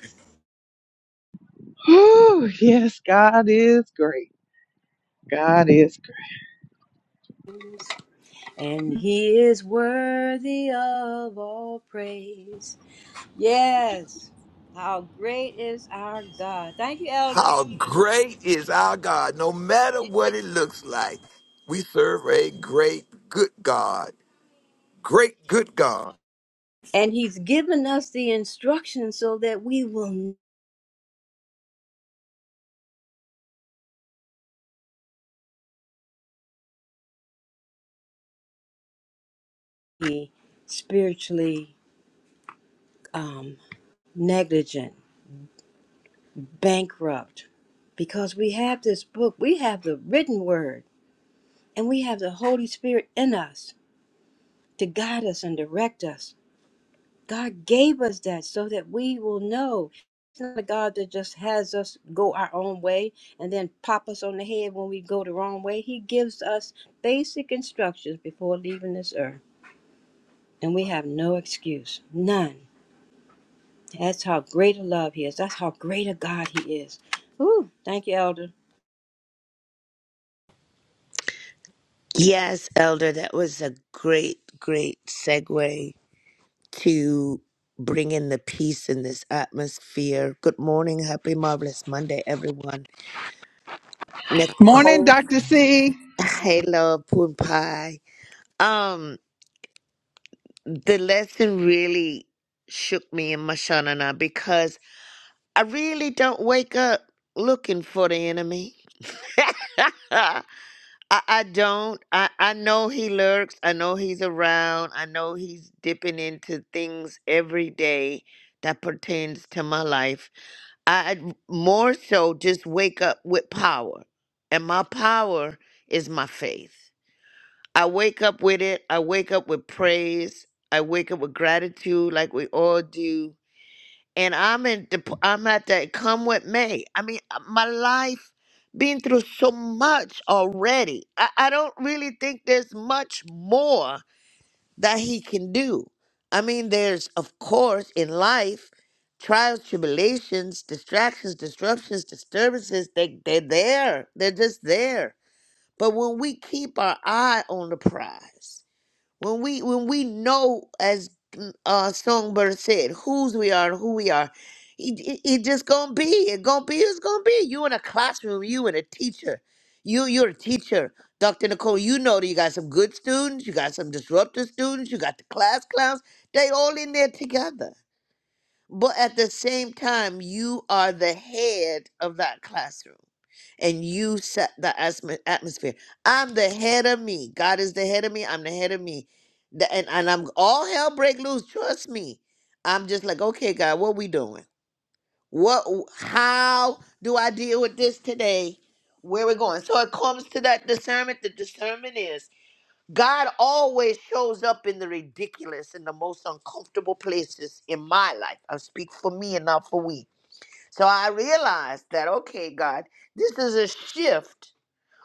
And He is worthy of all praise. Yes, how great is our God? Thank you, Elder.
How great is our God, no matter what it looks like. We serve a great, good God. Great, good God.
And He's given us the instructions so that we will not be spiritually um, negligent bankrupt because we have this book, we have the written word, and we have the Holy Spirit in us to guide us and direct us. God gave us that so that we will know. It's not a God that just has us go our own way and then pop us on the head when we go the wrong way. He gives us basic instructions before leaving this earth, and we have no excuse, none. That's how great a love He is. That's how great a God He is. Ooh, thank you, Elder.
Yes, Elder, that was a great, great segue to bring in the peace in this atmosphere. Good morning, happy, marvelous Monday, everyone. Nicole, hello, Poon Pumpai. Um, the lesson really shook me in my shanana because I really don't wake up looking for the enemy. [laughs] I, I don't. I, I know he lurks. I know he's around. I know he's dipping into things every day that pertains to my life. I I more so just wake up with power. And my power is my faith. I wake up with it. I wake up with praise. I wake up with gratitude like we all do and I'm in the, I'm at that come with me. I mean, uh, my life been through so much already. I, I don't really think there's much more that he can do. I mean, there's of course in life trials, tribulations, distractions, disruptions, disturbances. They they're there. They're just there. But when we keep our eye on the prize when we when we know as mm, uh songbird said whose we are and who we are it, it, it just gonna be it gonna be it's gonna be you in a classroom you and a teacher you you're a teacher dr nicole you know that you got some good students you got some disruptive students you got the class clowns they all in there together but at the same time you are the head of that classroom and you set the asm- atmosphere. I'm the head of me. God is the head of me. I'm the head of me. The- and, and I'm all hell break loose. Trust me. I'm just like, okay, God, what we doing? What how do I deal with this today? Where we going? So it comes to that discernment. The discernment is God always shows up in the ridiculous and the most uncomfortable places in my life. I speak for me and not for we. So I realized that, okay, God, this is a shift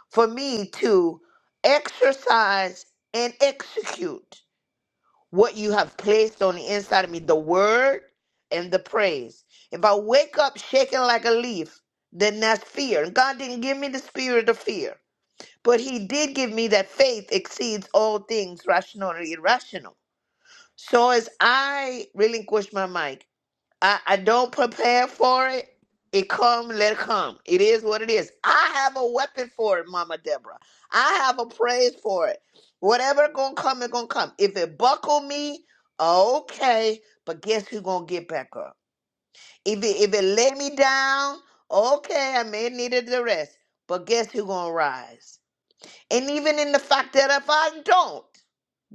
for me to exercise and execute what you have placed on the inside of me the word and the praise. If I wake up shaking like a leaf, then that's fear. And God didn't give me the spirit of fear, but He did give me that faith exceeds all things rational or irrational. So as I relinquish my mic, I, I don't prepare for it. It come, let it come. It is what it is. I have a weapon for it, Mama Deborah. I have a praise for it. Whatever gonna come, it gonna come. If it buckle me, okay. But guess who gonna get back up? If it if it lay me down, okay, I may need the rest. But guess who gonna rise? And even in the fact that if I don't,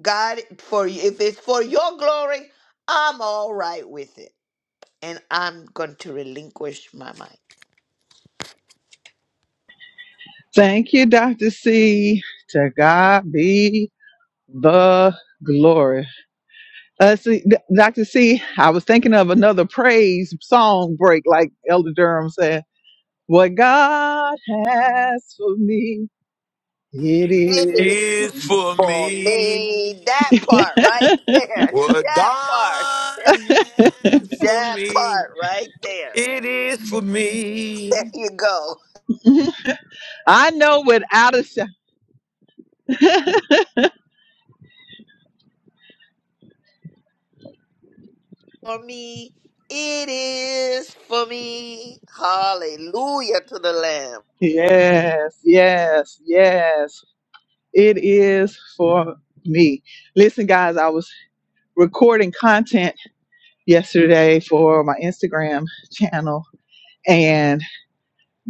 God, for if it's for your glory, I'm all right with it and I'm going to relinquish my mind.
Thank you, Dr. C. To God be the glory. Uh, see, D- Dr. C, I was thinking of another praise song break, like Elder Durham said. What God has for me, it
It
is.
is
for
Is for
for
me
me. That part right there.
what
That part.
God has for
That
me.
part right there.
It is for
There
me.
you go.
me. [laughs] I know without a shadow.
For me, it is for me. Hallelujah to the Lamb.
Yes, yes, yes. It is for me. Listen, guys, I was recording content yesterday for my Instagram channel, and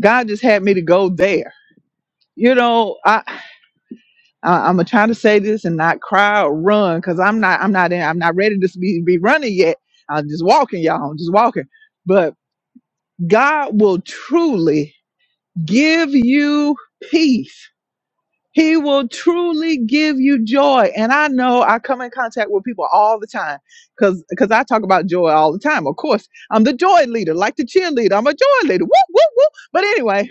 God just had me to go there. You know, I, I I'm trying to say this and not cry or run because I'm not I'm not in, I'm not ready to be be running yet. I'm just walking, y'all. I'm just walking. but God will truly give you peace. He will truly give you joy. And I know I come in contact with people all the time because because I talk about joy all the time. Of course, I'm the joy leader, like the cheerleader. I'm a joy leader. Woo, woo, woo. But anyway,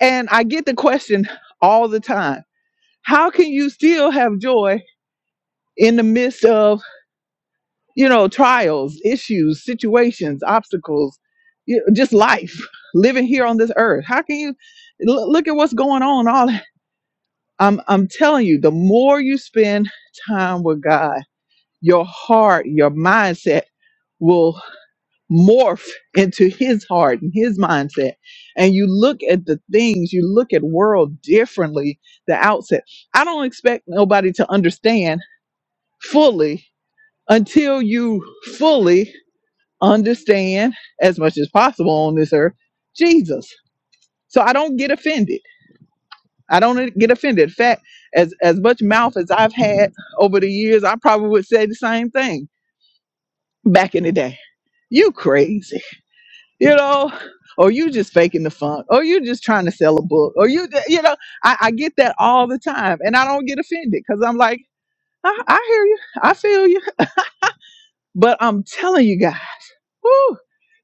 and I get the question all the time. How can you still have joy in the midst of you know, trials, issues, situations, obstacles, you just life, [laughs] living here on this earth. How can you l- look at what's going on? All I'm, I'm telling you, the more you spend time with God, your heart, your mindset will morph into His heart and His mindset, and you look at the things, you look at world differently. The outset, I don't expect nobody to understand fully until you fully understand as much as possible on this earth Jesus. So I don't get offended. I don't get offended. In fact, as as much mouth as I've had over the years, I probably would say the same thing back in the day. You crazy, you know, or you just faking the funk, or you just trying to sell a book, or you, you know, I, I get that all the time, and I don't get offended because I'm like, I, I hear you, I feel you, but I'm telling you guys, whew,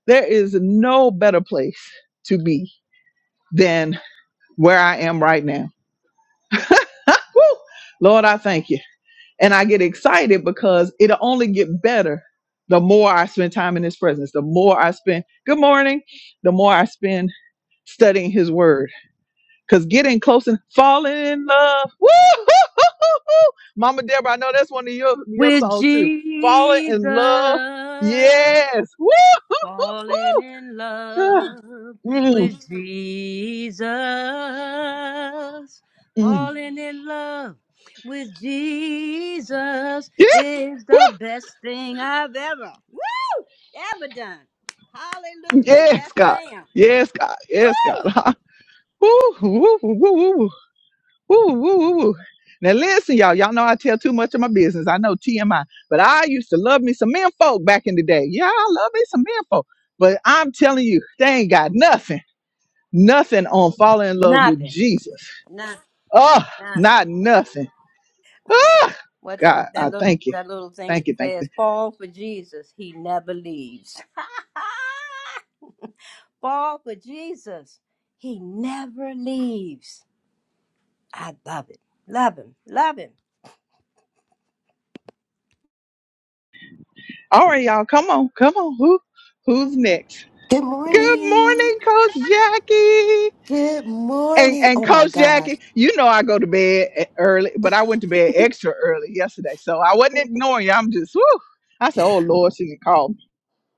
there is no better place to be than. where I am right now. [laughs] Woo! Lord, I thank you. And I get excited because it'll only get better the more I spend time in his presence, the more I spend good morning, the more I spend studying his word. Because getting close and falling in love. Woo! [laughs] Mama Deborah, I know that's one of your, your
with
songs too. Falling
Jesus,
in love. Yes. Woo!
falling
[laughs]
in
Ah,
love
mm,
with Jesus,
mm.
falling in love with Jesus
Yeah.
is
Woo!
the best thing I've ever, woo, ever done. Hallelujah.
Yes,
Yes,
God.
ma'am.
Yes, God. Yes,
Woo!
God. [laughs] Woo, woo, woo, woo, woo, woo, woo, woo, woo. Now listen, y'all. Y'all know I tell too much of my business. I know TMI, but I used to love me some men folk back in the day. Yeah, I love me some men folk, but I'm telling you, they ain't got nothing, nothing on falling in love with
Nothing.
Jesus.
Nothing.
Oh,
Nothing.
not nothing.
What that, that little that little thing
Thank you.
says, fall for Jesus, he never leaves. [laughs] fall for Jesus. He never leaves. I love it. Love him. Love him.
Who, who's
Good morning.
Jackie?
Good
and
morning.
and
Oh my
Coach Jackie,
gosh.
you know I go to bed e- early, but I went to bed extra early yesterday, so I wasn't ignoring you. I'm just, whew. I said, "Oh Lord, she didn't call me."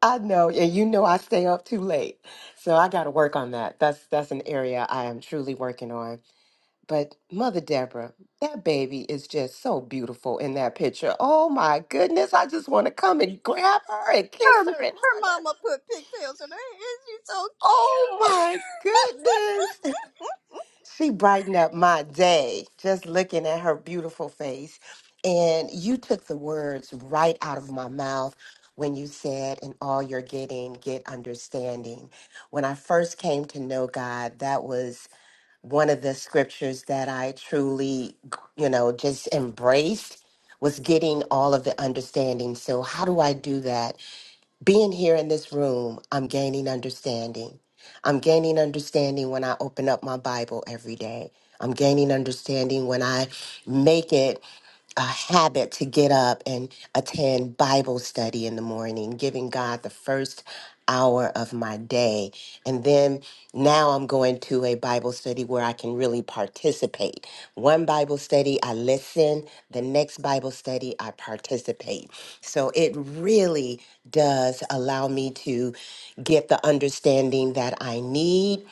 I know, and you know I stay up too late. So I gotta work on that. That's that's an area I am truly working on. But Mother Deborah, that baby is just so beautiful in that picture. Oh my goodness. I just wanna come and grab her and kiss
Her
her and
her
hug her.
mama put pigtails in her hair. She's so
Oh
cute.
my goodness.
[laughs]
She brightened up my day just looking at her beautiful face. And you took the words right out of my mouth when you said, In all you're getting, get understanding. When I first came to know God, that was one of the scriptures that I truly, you know, just embraced was getting all of the understanding. So, how do I do that? being here in this room, I'm gaining understanding. I'm gaining understanding when I open up my Bible every day. I'm gaining understanding when I make it a habit to get up and attend Bible study in the morning, giving God the first hour of my day. And then now I'm going to a Bible study where I can really participate. One Bible study, I listen. The next Bible study, I participate. So it really does allow me to get the understanding that I need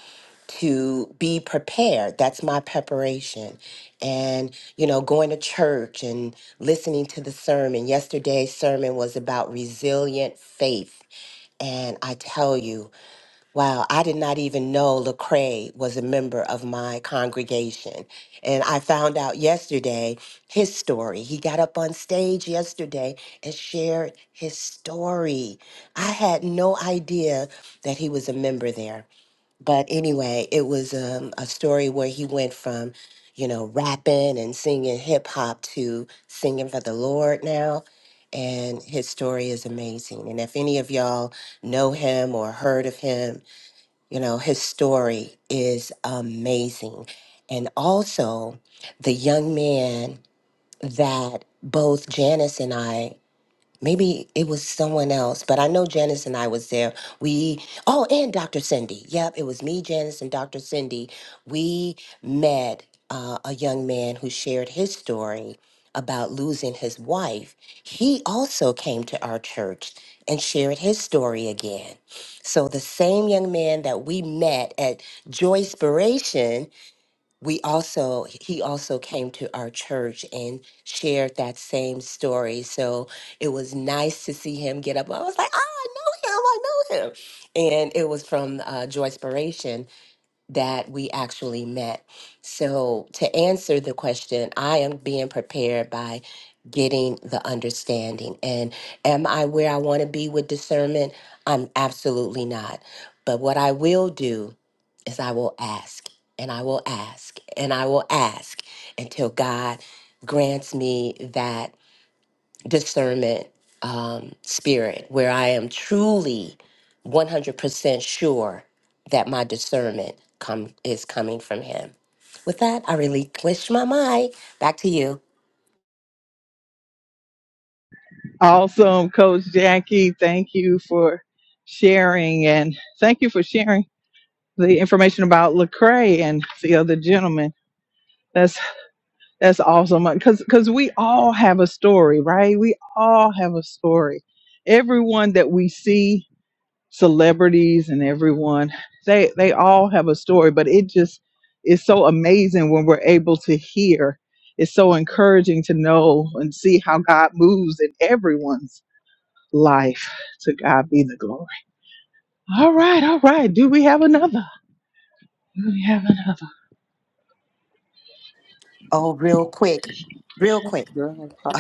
to be prepared. That's my preparation. And, you know, going to church and listening to the sermon. Yesterday's sermon was about resilient faith. And I tell you, wow, I did not even know Lecrae was a member of my congregation. And I found out yesterday his story. He got up on stage yesterday and shared his story. I had no idea that he was a member there but anyway, it was um, a story where he went from, you know, rapping and singing hip hop to singing for the Lord now. And his story is amazing. And if any of y'all know him or heard of him, you know, his story is amazing. And also, the young man that both Janice and I maybe it was someone else, but I know Janice and I was there. We oh, and Dr. Cindy. Yep, it was me, Janice, and Dr. Cindy. We met uh, a young man who shared his story about losing his wife. He also came to our church and shared his story again. So the same young man that we met at Joyspiration we also he also came to our church and shared that same story so it was nice to see him get up i was like oh i know him i know him and it was from uh joy that we actually met. So, to answer the question, I am being prepared by getting the understanding. And am I where I want to be with discernment? I'm absolutely not. But what I will do is I will ask and I will ask and I will ask until God grants me that discernment um, spirit where I am truly 100% sure that my discernment come, is coming from Him. With that, I relinquish my mic. Back to you.
Awesome, Coach Jackie. Thank you for sharing, and thank you for sharing the information about Lecrae and the other gentleman. That's that's awesome because because we all have a story, right? We all have a story. Everyone that we see, celebrities and everyone, they they all have a story. But it just is so amazing when we're able to hear. It's so encouraging to know and see how God moves in everyone's life. To God be the glory. All right, all right. Do we have another? Do we have?
Oh, real quick, real quick.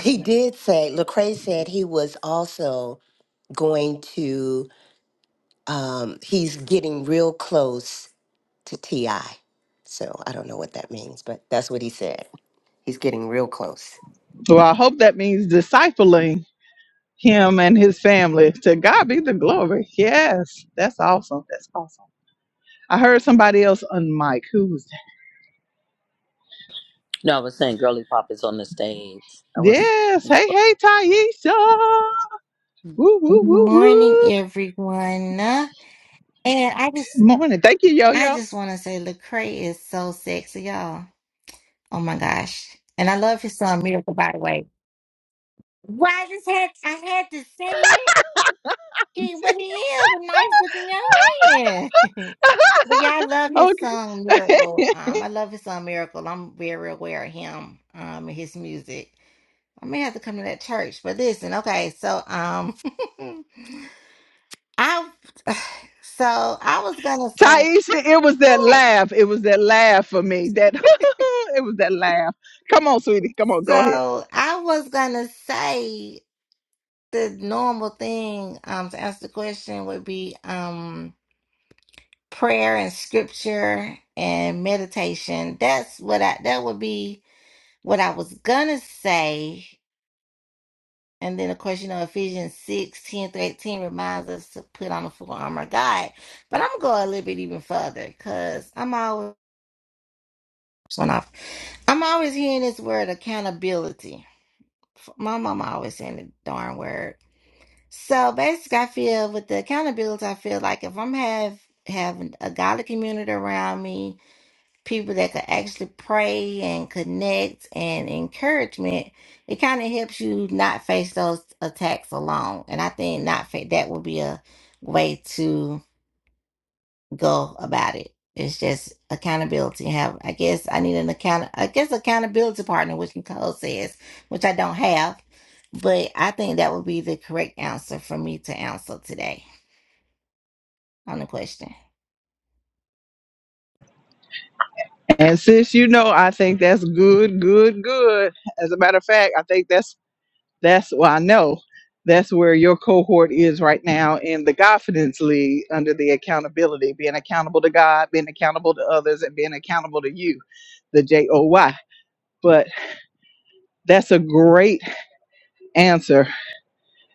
He did say, Lecrae said he was also going to, um, he's getting real close to TI. So I don't know what that means, but that's what he said. He's getting real close.
Well, I hope that means discipling him and his family. To God be the glory. Yes, that's awesome. That's awesome. I heard somebody else on mic. Who was that?
No, I was saying Girly Pop is on the stage. I was
Yes. Hey, hey, Taisha. Woo,
Good
woo, woo,
morning,
woo.
everyone. And I just,
Morning. Thank you, Yo
I
Yo.
just want to say, Lecrae is so sexy, y'all. Oh my gosh! And I love his son Miracle, by the way. Why I just had, I had to say it. He, but he is a nice looking young man. [laughs] but yeah, I love his song
Okay. [laughs]
Miracle. Um, I love his song Miracle. I'm very aware of him. Um, and his music. I may have to come to that church. But listen, okay, so um, [laughs] I, [sighs] so I was gonna say.
Taisha, it was that
Right.
laugh. It was that laugh for me. That [laughs] it was that laugh. Come on, sweetie. Come on, go ahead.
So I was gonna say the normal thing um to answer the question would be um prayer and scripture and meditation. That's what I that would be what I was gonna say. And then of course, you know, Ephesians 6 10 through 18 reminds us to put on the full armor of God. But I'm gonna go a little bit even further because I'm always went off. I'm always hearing this word accountability. My mama always saying the darn word So basically, I feel with the accountability, I feel like if I'm have having a godly community around me, people that could actually pray and connect and encouragement, it kind of helps you not face those attacks alone. And I think not fa- that would be a way to go about it. It's just accountability. Have I guess I need an account. I guess accountability partner, which Nicole says, which I don't have, but I think that would be the correct answer for me to answer today on the question.
And sis, you know, I think that's good, good, good. As a matter of fact, I think that's That's well, I know that's where your cohort is right now in the confidence league under the accountability, being accountable to God, being accountable to others, and being accountable to you, the J O Y. But that's a great answer.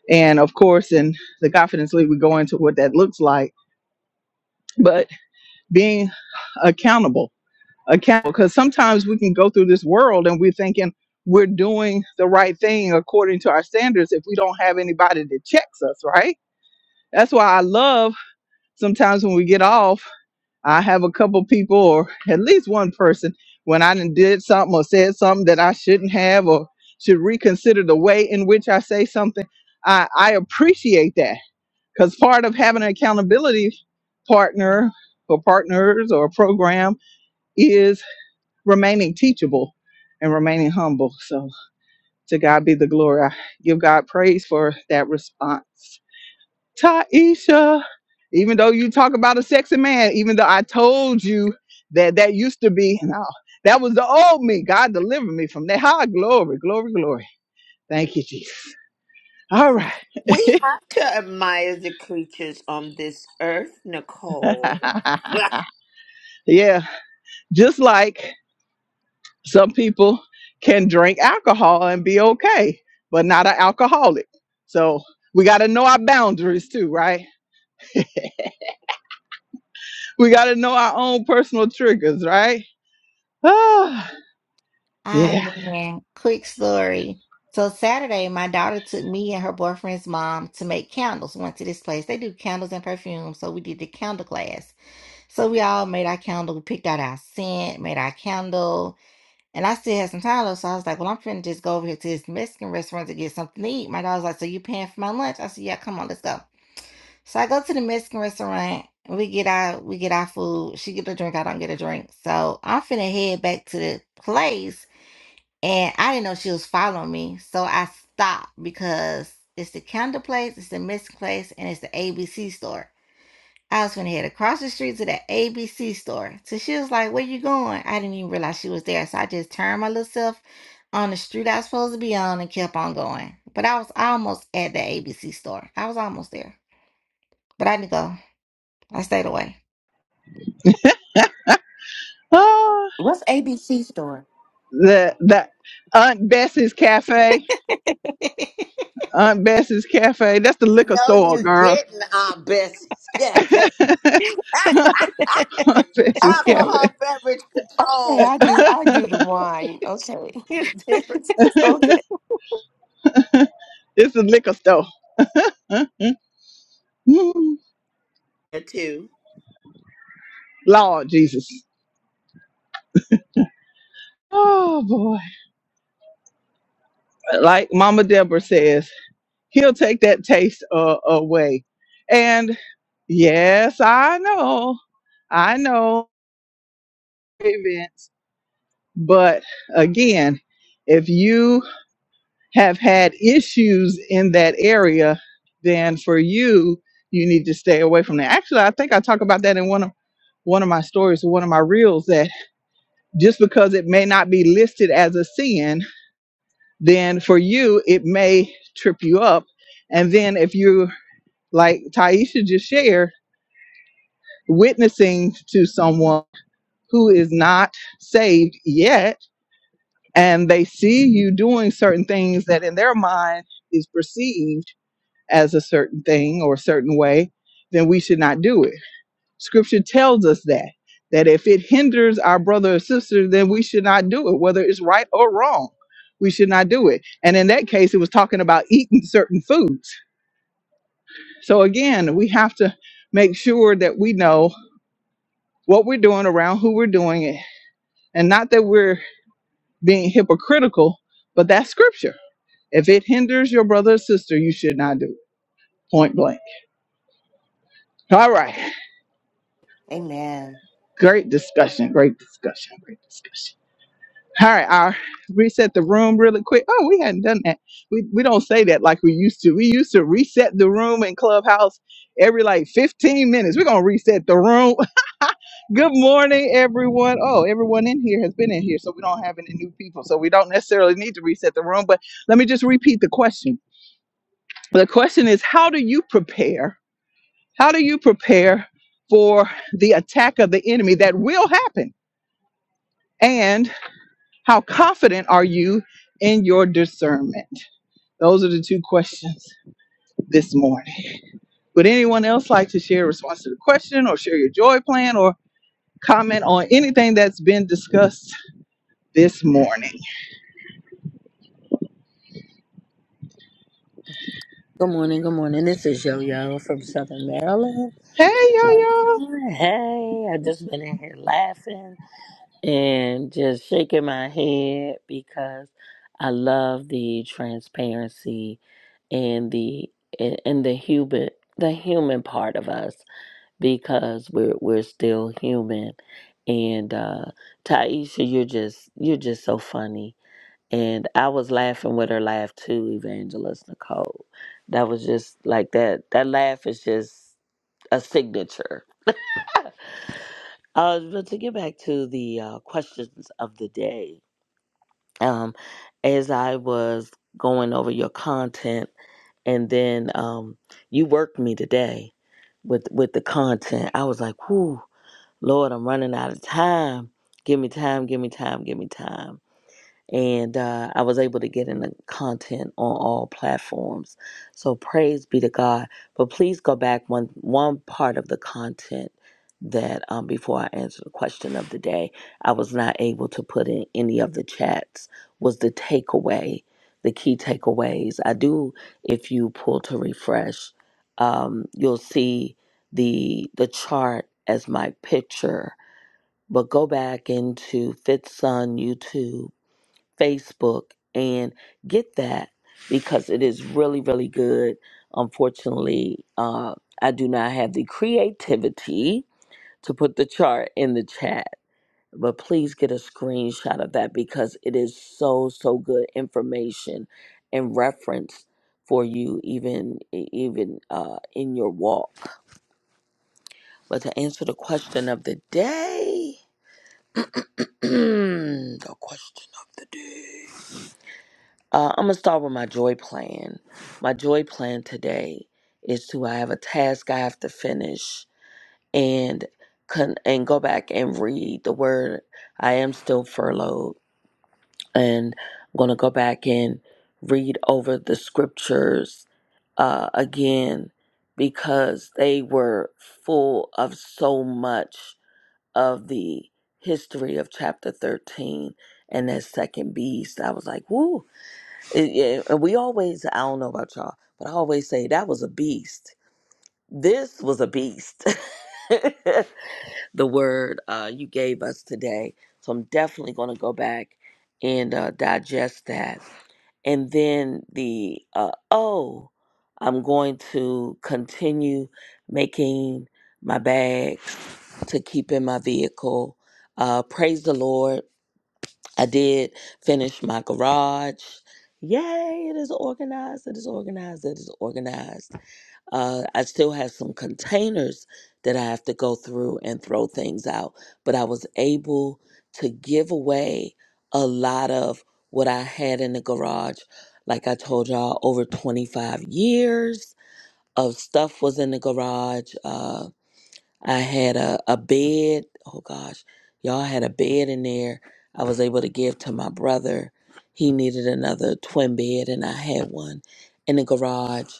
And of course, in the confidence league, we go into what that looks like. But being accountable, accountable, because sometimes we can go through this world and we're thinking we're doing the right thing according to our standards if we don't have anybody that checks us, right? That's why I love sometimes when we get off, I have a couple people or at least one person when I done did something or said something that I shouldn't have or should reconsider the way in which I say something. I, I appreciate that because part of having an accountability partner or partners or a program is remaining teachable and remaining humble. So to God be the glory. I give God praise for that response. Taisha, even though you talk about a sexy man, even though I told you that that used to be, no, that was the old me. God delivered me from that. High glory, glory, glory. Thank you, Jesus. All right.
We have to admire the creatures on this earth, Nicole. [laughs]
[laughs] yeah, just like some people can drink alcohol and be okay, but not an alcoholic. So we got to know our boundaries too, right? We got to know our own personal triggers, right? [sighs] Ah, yeah.
Um, man, quick story. So Saturday, my daughter took me and her boyfriend's mom to make candles. We Went to this place. They do candles and perfume. so we did the candle class. So we all made our candle. We picked out our scent, made our candle And I still had some Tyler, so I was like, well, I'm finna just go over here to this Mexican restaurant to get something to eat. My dog's like, so you paying for my lunch? I said, yeah, come on, let's go. So I go to the Mexican restaurant. and We get our we get our food. She get a drink. I don't get a drink. So I'm finna head back to the place, and I didn't know she was following me. So I stopped because it's the counter place, it's the Mexican place, and it's the ABC store. I was gonna head across the street to that ABC store. So she was like, Where you going? I didn't even realize she was there. So I just turned my little self on the street I was supposed to be on and kept on going. But I was almost at the ABC store. I was almost there. But I didn't go. I stayed away.
Ah.
What's ABC store?
the the Aunt Bessie's Cafe. Aunt Bessie's Cafe. That's the liquor
no,
store,
you
girl.
didn't, Aunt Bessie's Cafe.
[laughs] Aunt
[laughs]
Bessie's
Okay.
Cafe.
Alcohol beverage
Okay,
control.
I do I do
[laughs]
the wine. Okay. [laughs] It's different. Okay.
it's the liquor store. [laughs]
[laughs] Too.
Lord Jesus. Oh boy. Like Mama Deborah says, he'll take that taste uh, away. And yes, I know. I know. Vince, But again, if you have had issues in that area, then for you, you need to stay away from that. Actually, I think I talk about that in one of one of my stories or one of my reels that just because it may not be listed as a sin, then for you it may trip you up. And then if you like Taisha just shared, witnessing to someone who is not saved yet, and they see you doing certain things that in their mind is perceived as a certain thing or a certain way, then we should not do it. Scripture tells us that, that if it hinders our brother or sister, then we should not do it, whether it's right or wrong. We should not do it. And in that case, it was talking about eating certain foods. So again, we have to make sure that we know what we're doing around who we're doing it. And not that we're being hypocritical, but that's scripture. If it hinders your brother or sister, you should not do it. Point blank. All right.
Amen.
Great discussion. Great discussion. Great discussion. All right, I'll reset the room really quick. Oh, we hadn't done that. We we don't say that like we used to. We used to reset the room in Clubhouse every like 15 minutes. We're gonna reset the room. [laughs] Good morning, everyone. Oh, everyone in here has been in here, so we don't have any new people. So we don't necessarily need to reset the room. But let me just repeat the question. The question is how do you prepare? How do you prepare for the attack of the enemy that will happen? How confident are you in your discernment? Those are the two questions this morning. Would anyone else like to share a response to the question or share your joy plan or comment on anything that's been discussed this morning?
good morning, good morning. This is Yo Yo from Southern Maryland.
Hey, yo, yo.
Hey, I just been in here laughing and just shaking my head because I love the transparency and the and the human the human part of us because we're we're still human. And uh Taisha, you're just you're just so funny And I was laughing with her laugh too, Evangelist Nicole. That was just like that. That laugh is just a signature. Uh, but to get back to the uh, questions of the day, um, as I was going over your content, and then um, you worked me today with with the content. I was like, "Whoo, Lord, I'm running out of time. Give me time. Give me time. Give me time." and uh, I was able to get in the content on all platforms. So praise be to God. But please go back one one part of the content that um, before I answer the question of the day, I was not able to put in any of the chats was the takeaway, the key takeaways. I do if you pull to refresh, um, you'll see the the chart as my picture. But go back into Fifth Son YouTube Facebook and get that because it is really, really good. Unfortunately, uh, I do not have the creativity to put the chart in the chat, but please get a screenshot of that because it is so, so good information and reference for you even e-, even uh, in your walk. But to answer the question of the day, [clears throat] the question of the day. Uh, I'm gonna start with my joy plan. My joy plan today is to I have a task I have to finish and con- and go back and read the word. I am still furloughed, and I'm gonna go back and read over the scriptures uh, again because they were full of so much of the history of chapter 13 and that second beast. I was like, "Woo!" It- yeah, and we always, I don't know about y'all, but I always say that was a beast. This was a beast. [laughs] the word uh, you gave us today. So I'm definitely going to go back and uh, digest that. And then the, uh, oh, I'm going to continue making my bags to keep in my vehicle. Uh, praise the Lord I did finish my garage. Yay, it is organized, it is organized, it is organized. Uh, I still have some containers that I have to go through and throw things out, but I was able to give away a lot of what I had in the garage. Like I told y'all, over 25 years of stuff was in the garage. Uh, I had a, a bed. Oh gosh, y'all I had a bed in there. I was able to give to my brother. He needed another twin bed, and I had one in the garage.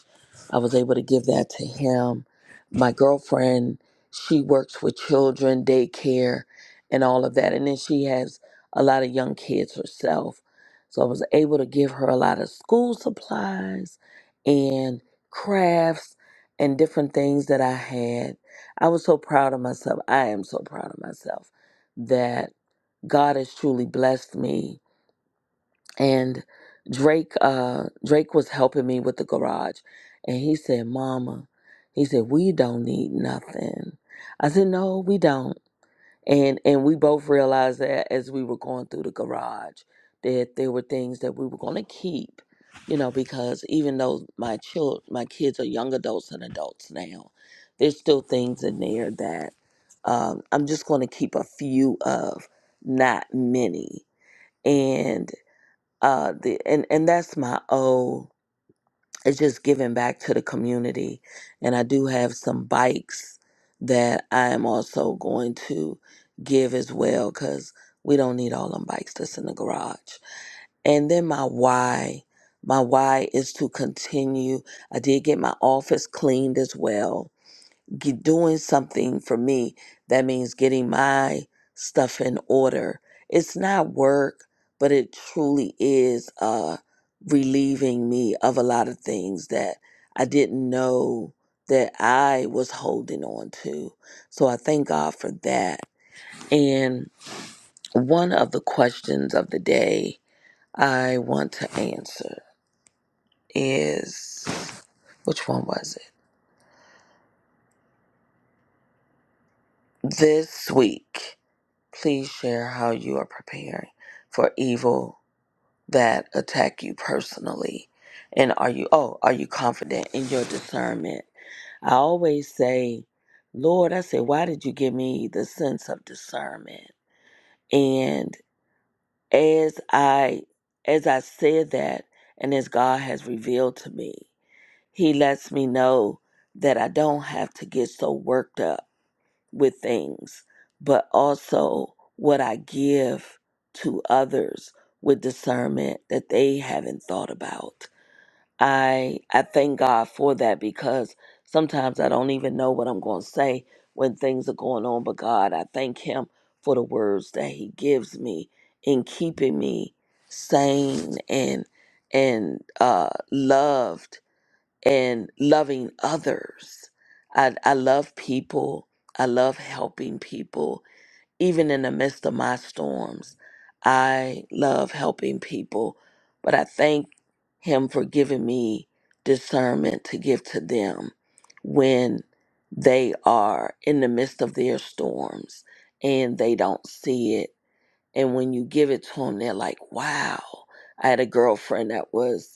I was able to give that to him. My girlfriend, she works with children, daycare, and all of that. And then she has a lot of young kids herself. So I was able to give her a lot of school supplies and crafts and different things that I had. I was so proud of myself. I am so proud of myself that God has truly blessed me. And Drake, uh, Drake was helping me with the garage, and he said, "Mama," he said, "we don't need nothing." I said, "No, we don't." and and we both realized that as we were going through the garage that there were things that we were going to keep you know because even though my child my kids are young adults and adults now there's still things in there that um, i'm just going to keep a few of not many and uh the and and that's my O it's just giving back to the community. And I do have some bikes that I am also going to give as well because we don't need all them bikes that's in the garage. And then my why. My why is to continue. I did get my office cleaned as well g- doing something for me that means getting my stuff in order it's not work but it truly is uh relieving me of a lot of things that i didn't know that i was holding on to so i thank god for that and one of the questions of the day i want to answer is which one was it this week Please share how you are preparing for evil that attack you personally. And are you oh, are you confident in your discernment? I always say, Lord, I say, why did you give me the sense of discernment? And as I as I said that and as God has revealed to me, he lets me know that I don't have to get so worked up with things, but also what I give to others with discernment that they haven't thought about. I I thank God for that because sometimes I don't even know what I'm going to say when things are going on, but God, I thank him for the words that he gives me in keeping me sane and and uh loved and loving others. I, I love people. I love helping people. Even in the midst of my storms, I love helping people. But I thank Him for giving me discernment to give to them when they are in the midst of their storms and they don't see it. And when you give it to them, they're like, wow. I had a girlfriend that was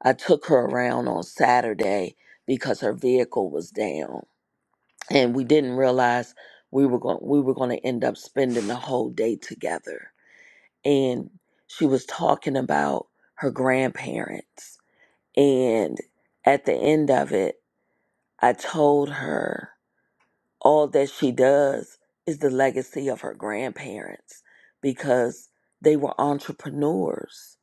I took her around on Saturday because her vehicle was down, and we didn't realize we were going we were going to end up spending the whole day together. And she was talking about her grandparents, and at the end of it, I told her all that she does is the legacy of her grandparents because they were entrepreneurs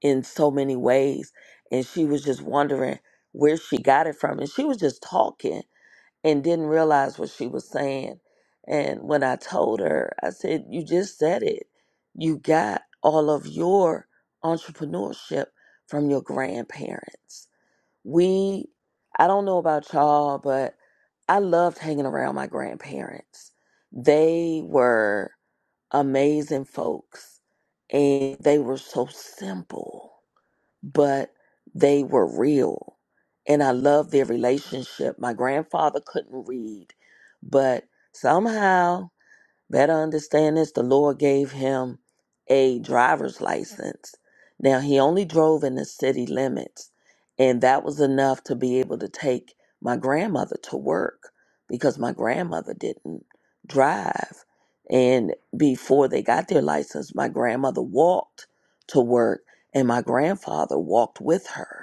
in so many ways. And she was just wondering where she got it from. And she was just talking and didn't realize what she was saying. And when I told her, I said, You just said it. You got all of your entrepreneurship from your grandparents. We, I don't know about y'all, but I loved hanging around my grandparents. They were amazing folks and they were so simple but they were real. And I loved their relationship. My grandfather couldn't read, but somehow Better understand this the Lord gave him a driver's license. Now, he only drove in the city limits, and that was enough to be able to take my grandmother to work because my grandmother didn't drive. And before they got their license, my grandmother walked to work, and my grandfather walked with her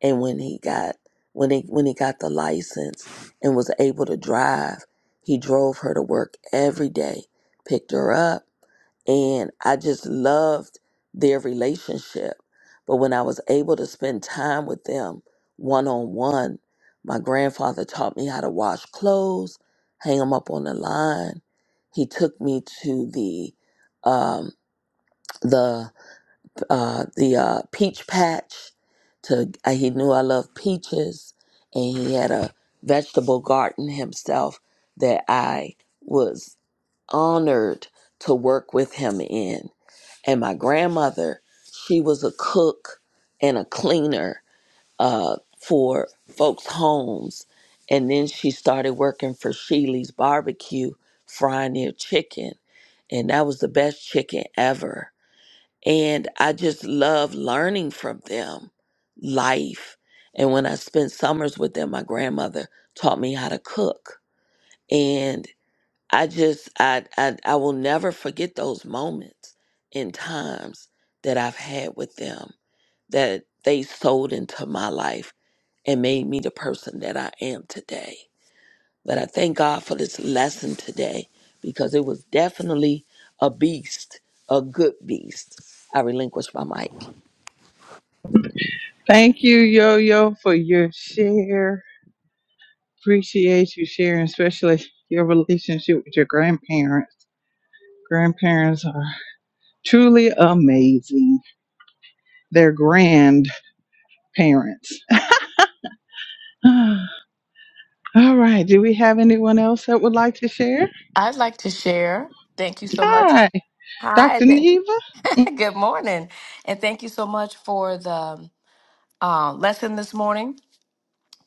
and when he got when he when he got the license and was able to drive he drove her to work every day picked her up and i just loved their relationship but when i was able to spend time with them one on one my grandfather taught me how to wash clothes hang them up on the line he took me to the um, the uh, the uh, peach patch. To uh, he knew I loved peaches, and he had a vegetable garden himself that I was honored to work with him in. And my grandmother, she was a cook and a cleaner uh, for folks' homes, and then she started working for Sheely's Barbecue, frying their chicken, and that was the best chicken ever and I just love learning from them life. And when I spent summers with them, my grandmother taught me how to cook. And I just I I, I will never forget those moments and times that I've had with them that they sold into my life and made me the person that I am today. But I thank God for this lesson today because it was definitely a beast, a good beast. I relinquished my mic.
Thank you, yo, yo, for your share. Appreciate you sharing, especially your relationship with your grandparents. Grandparents are truly amazing. They're grandparents. [sighs] All right. Do we have anyone else that would like to share?
I'd like to share. Thank you so much.
Hi,
Hi.
Dr.
th-
Neva.
[laughs] Good morning. And thank you so much for the uh, lesson this morning.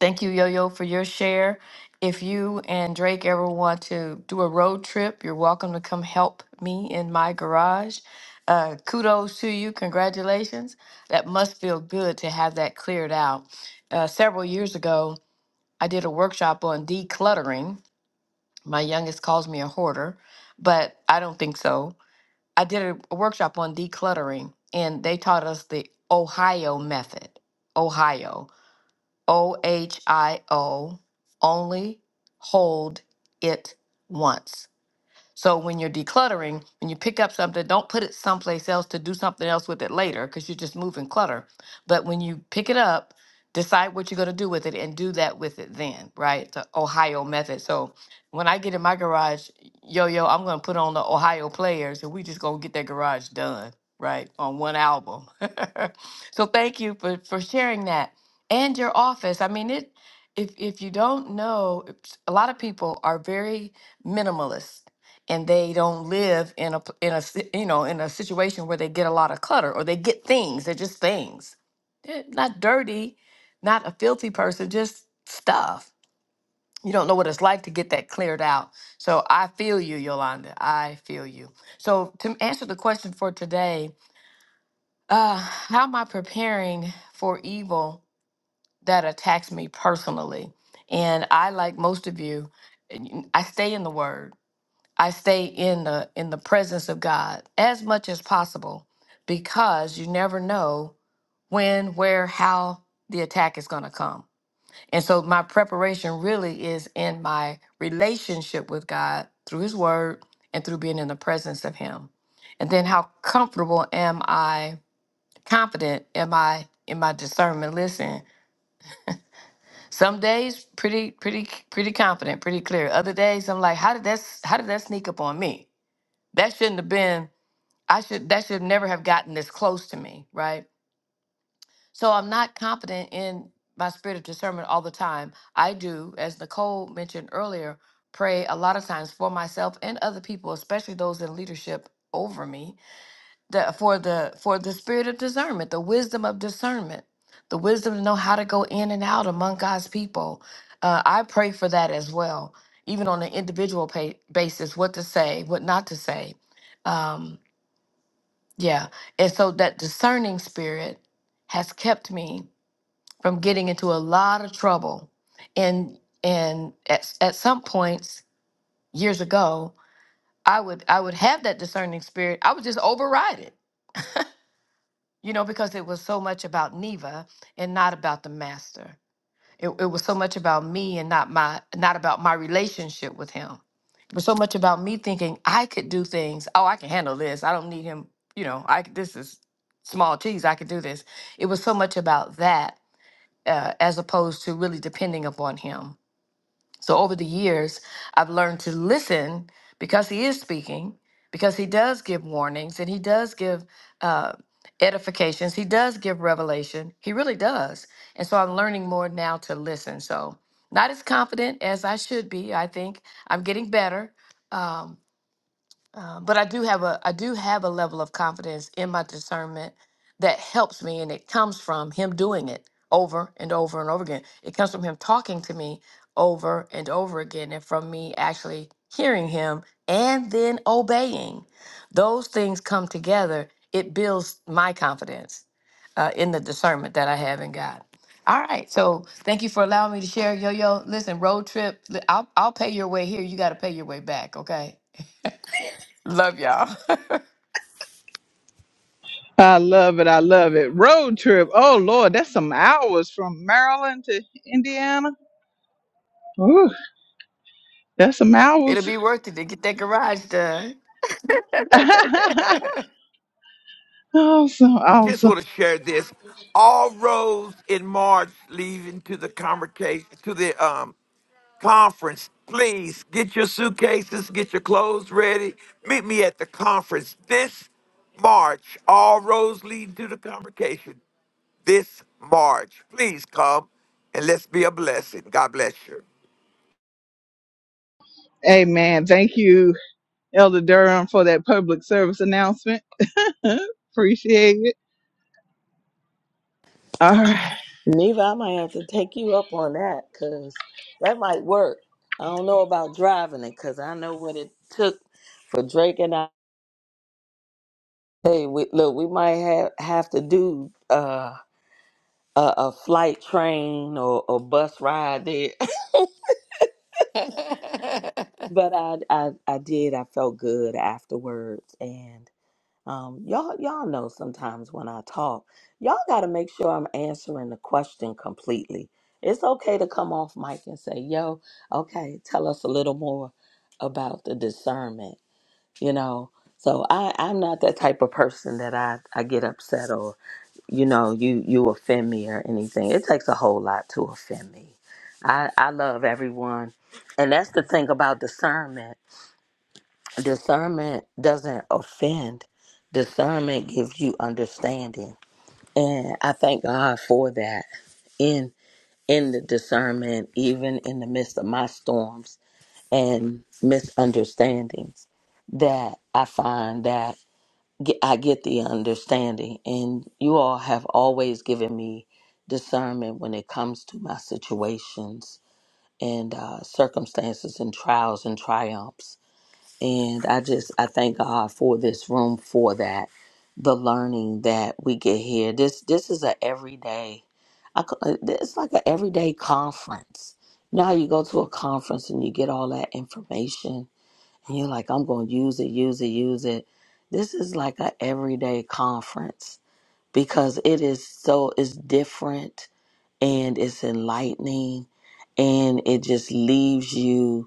Thank you, Yo Yo, for your share. If you and Drake ever want to do a road trip, you're welcome to come help me in my garage. Uh, kudos to you. Congratulations. That must feel good to have that cleared out. Uh, several years ago, I did a workshop on decluttering. My youngest calls me a hoarder, but I don't think so I did a, a workshop on decluttering, and they taught us the Ohio method. Ohio, O H I O, only hold it once. So when you're decluttering, when you pick up something, don't put it someplace else to do something else with it later because you're just moving clutter. But when you pick it up, decide what you're going to do with it and do that with it then, right? The Ohio method. So when I get in my garage, yo, yo, I'm going to put on the Ohio players and we just going to get that garage done, right? On one album. [laughs] so thank you for, for sharing that and your office. I mean, it, if, if you don't know, it's- a lot of people are very minimalist and they don't live in a p- in a si- you know in a situation where they get a lot of clutter or they get things they're just things they're not dirty not a filthy person just stuff you don't know what it's like to get that cleared out so i feel you yolanda i feel you so to answer the question for today uh how am i preparing for evil that attacks me personally and i like most of you i stay in the word I stay in the in the presence of God as much as possible because you never know when, where, how the attack is going to come. And so my preparation really is in my relationship with God through his word and through being in the presence of him. And then how comfortable am I, confident am I in my discernment? Listen, some days pretty pretty pretty confident, pretty clear. Other days I'm like, how did that s- how did that sneak up on me? That shouldn't have been I should that should never have gotten this close to me, right? So I'm not confident in my spirit of discernment all the time. I do, as Nicole mentioned earlier, pray a lot of times for myself and other people, especially those in leadership over me, that for the for the spirit of discernment, the wisdom of discernment, the wisdom to know how to go in and out among God's people. Uh, I pray for that as well, even on an individual pa basis, what to say, what not to say. Um, yeah. And so that discerning spirit has kept me from getting into a lot of trouble. And and at, at some points years ago, I would I would have that discerning spirit. I would just override it, you know, because it was so much about Neva and not about the master. It, it was so much about me and not my not about my relationship with him. It was so much about me thinking I could do things. Oh, I can handle this. I don't need him. You know, I c- this is small cheese. I could do this. It was so much about that uh, as opposed to really depending upon him so over the years, I've learned to listen because he is speaking, because he does give warnings and he does give uh, edifications, he does give revelation. He really does. And so I'm learning more now to listen. So not as confident as I should be. I think I'm getting better. Um, uh, but I do have a I do have a level of confidence in my discernment that helps me, and it comes from him doing it over and over and over again. It comes from him talking to me over and over again, and from me actually hearing him and then obeying. Those things come together. It builds my confidence uh, in the discernment that I have in God. All right, so thank you for allowing me to share, Yo Yo. Listen, road trip. li- I'll I'll pay your way here. You got to pay your way back, okay? Love y'all. [laughs]
I love it. I love it. Road trip. Oh Lord, that's some hours from Maryland to Indiana. Ooh, that's some
It'll
hours.
be worth it to get that garage done.
[laughs] Awesome,
just
awesome.
want to share this. All roads in March leading to the conversation to the um conference. Please get your suitcases, get your clothes ready. Meet me at the conference this March. All roads leading to the convocation this March. Please come and let's be a blessing. God bless you.
Amen. Thank you, Elder Durham, for that public service announcement. [laughs] Appreciate it. All right.
Neva, I might have to take you up on that because that might work. I don't know about driving it because I know what it took for Drake and I. Hey, we, look, we might have, have to do uh, a, a flight, train, or a bus ride there.
[laughs]
[laughs] but I, I, I did. I felt good afterwards, and Um, y'all, y'all know sometimes when I talk, y'all got to make sure I'm answering the question completely. It's okay to come off mic and say, "Yo, okay, tell us a little more about the discernment." You know, so I, I'm not that type of person that I, I get upset or you know you you offend me or anything. It takes a whole lot to offend me. I I love everyone, and that's the thing about discernment discernment doesn't offend discernment gives you understanding and i thank god for that in in the discernment even in the midst of my storms and misunderstandings that i find that ge- i get the understanding and you all have always given me discernment when it comes to my situations and uh, circumstances and trials and triumphs and I just I thank God for this room for that, the learning that we get here. This this is a everyday, I ca- uh, it's like an everyday conference. You know how you go to a conference and you get all that information and you're like, I'm going to use it, use it, use it. This is like an everyday conference because it is so it's different and it's enlightening and it just leaves you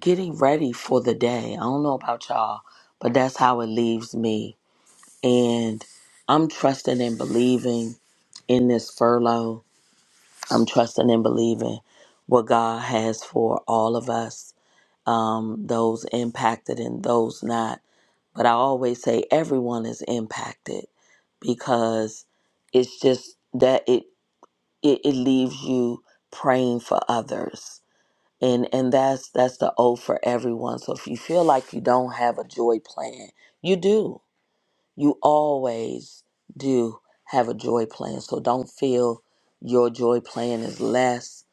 getting ready for the day. I don't know about y'all, but that's how it leaves me. And I'm trusting and believing in this furlough. I'm trusting and believing what God has for all of us, um, those impacted and those not. But I always say everyone is impacted because it's just that it it, it leaves you praying for others and and that's that's the O for everyone. So if you feel like you don't have a joy plan, you do. You always do have a joy plan. So don't feel your joy plan is less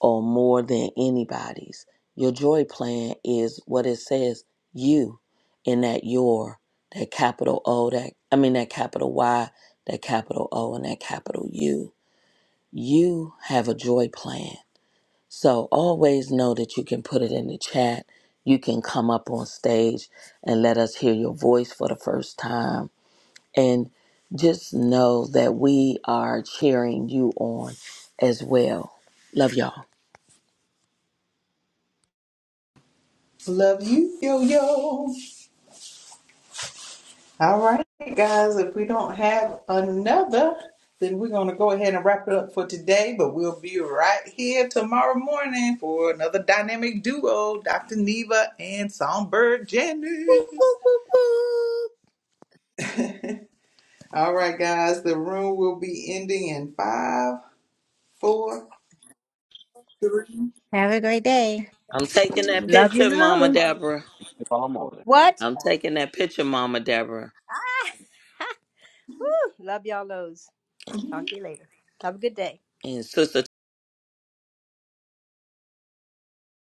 or more than anybody's. Your joy plan is what it says you in that your that capital O that I mean that capital Y, that capital O and that capital U. You have a joy plan so always know that you can put it in the chat. You can come up on stage and let us hear your voice for the first time. And just know that we are cheering you on as well. Love y'all.
Love you, yo yo. All right, guys, if we don't have another, then we're going to go ahead and wrap it up for today. But we'll be right here tomorrow morning for another dynamic duo, Dr. Neva and Songbird
Woo,
Janice.
woo, woo.
All right, guys, the room will be ending in five, four,
Have a great day.
I'm taking that
Love you,
picture, Mama
loads.
Deborah.
What?
I'm taking that picture, Mama Deborah.
Woo, love y'all, lows. Talk to you later. Have a good day.
And Sister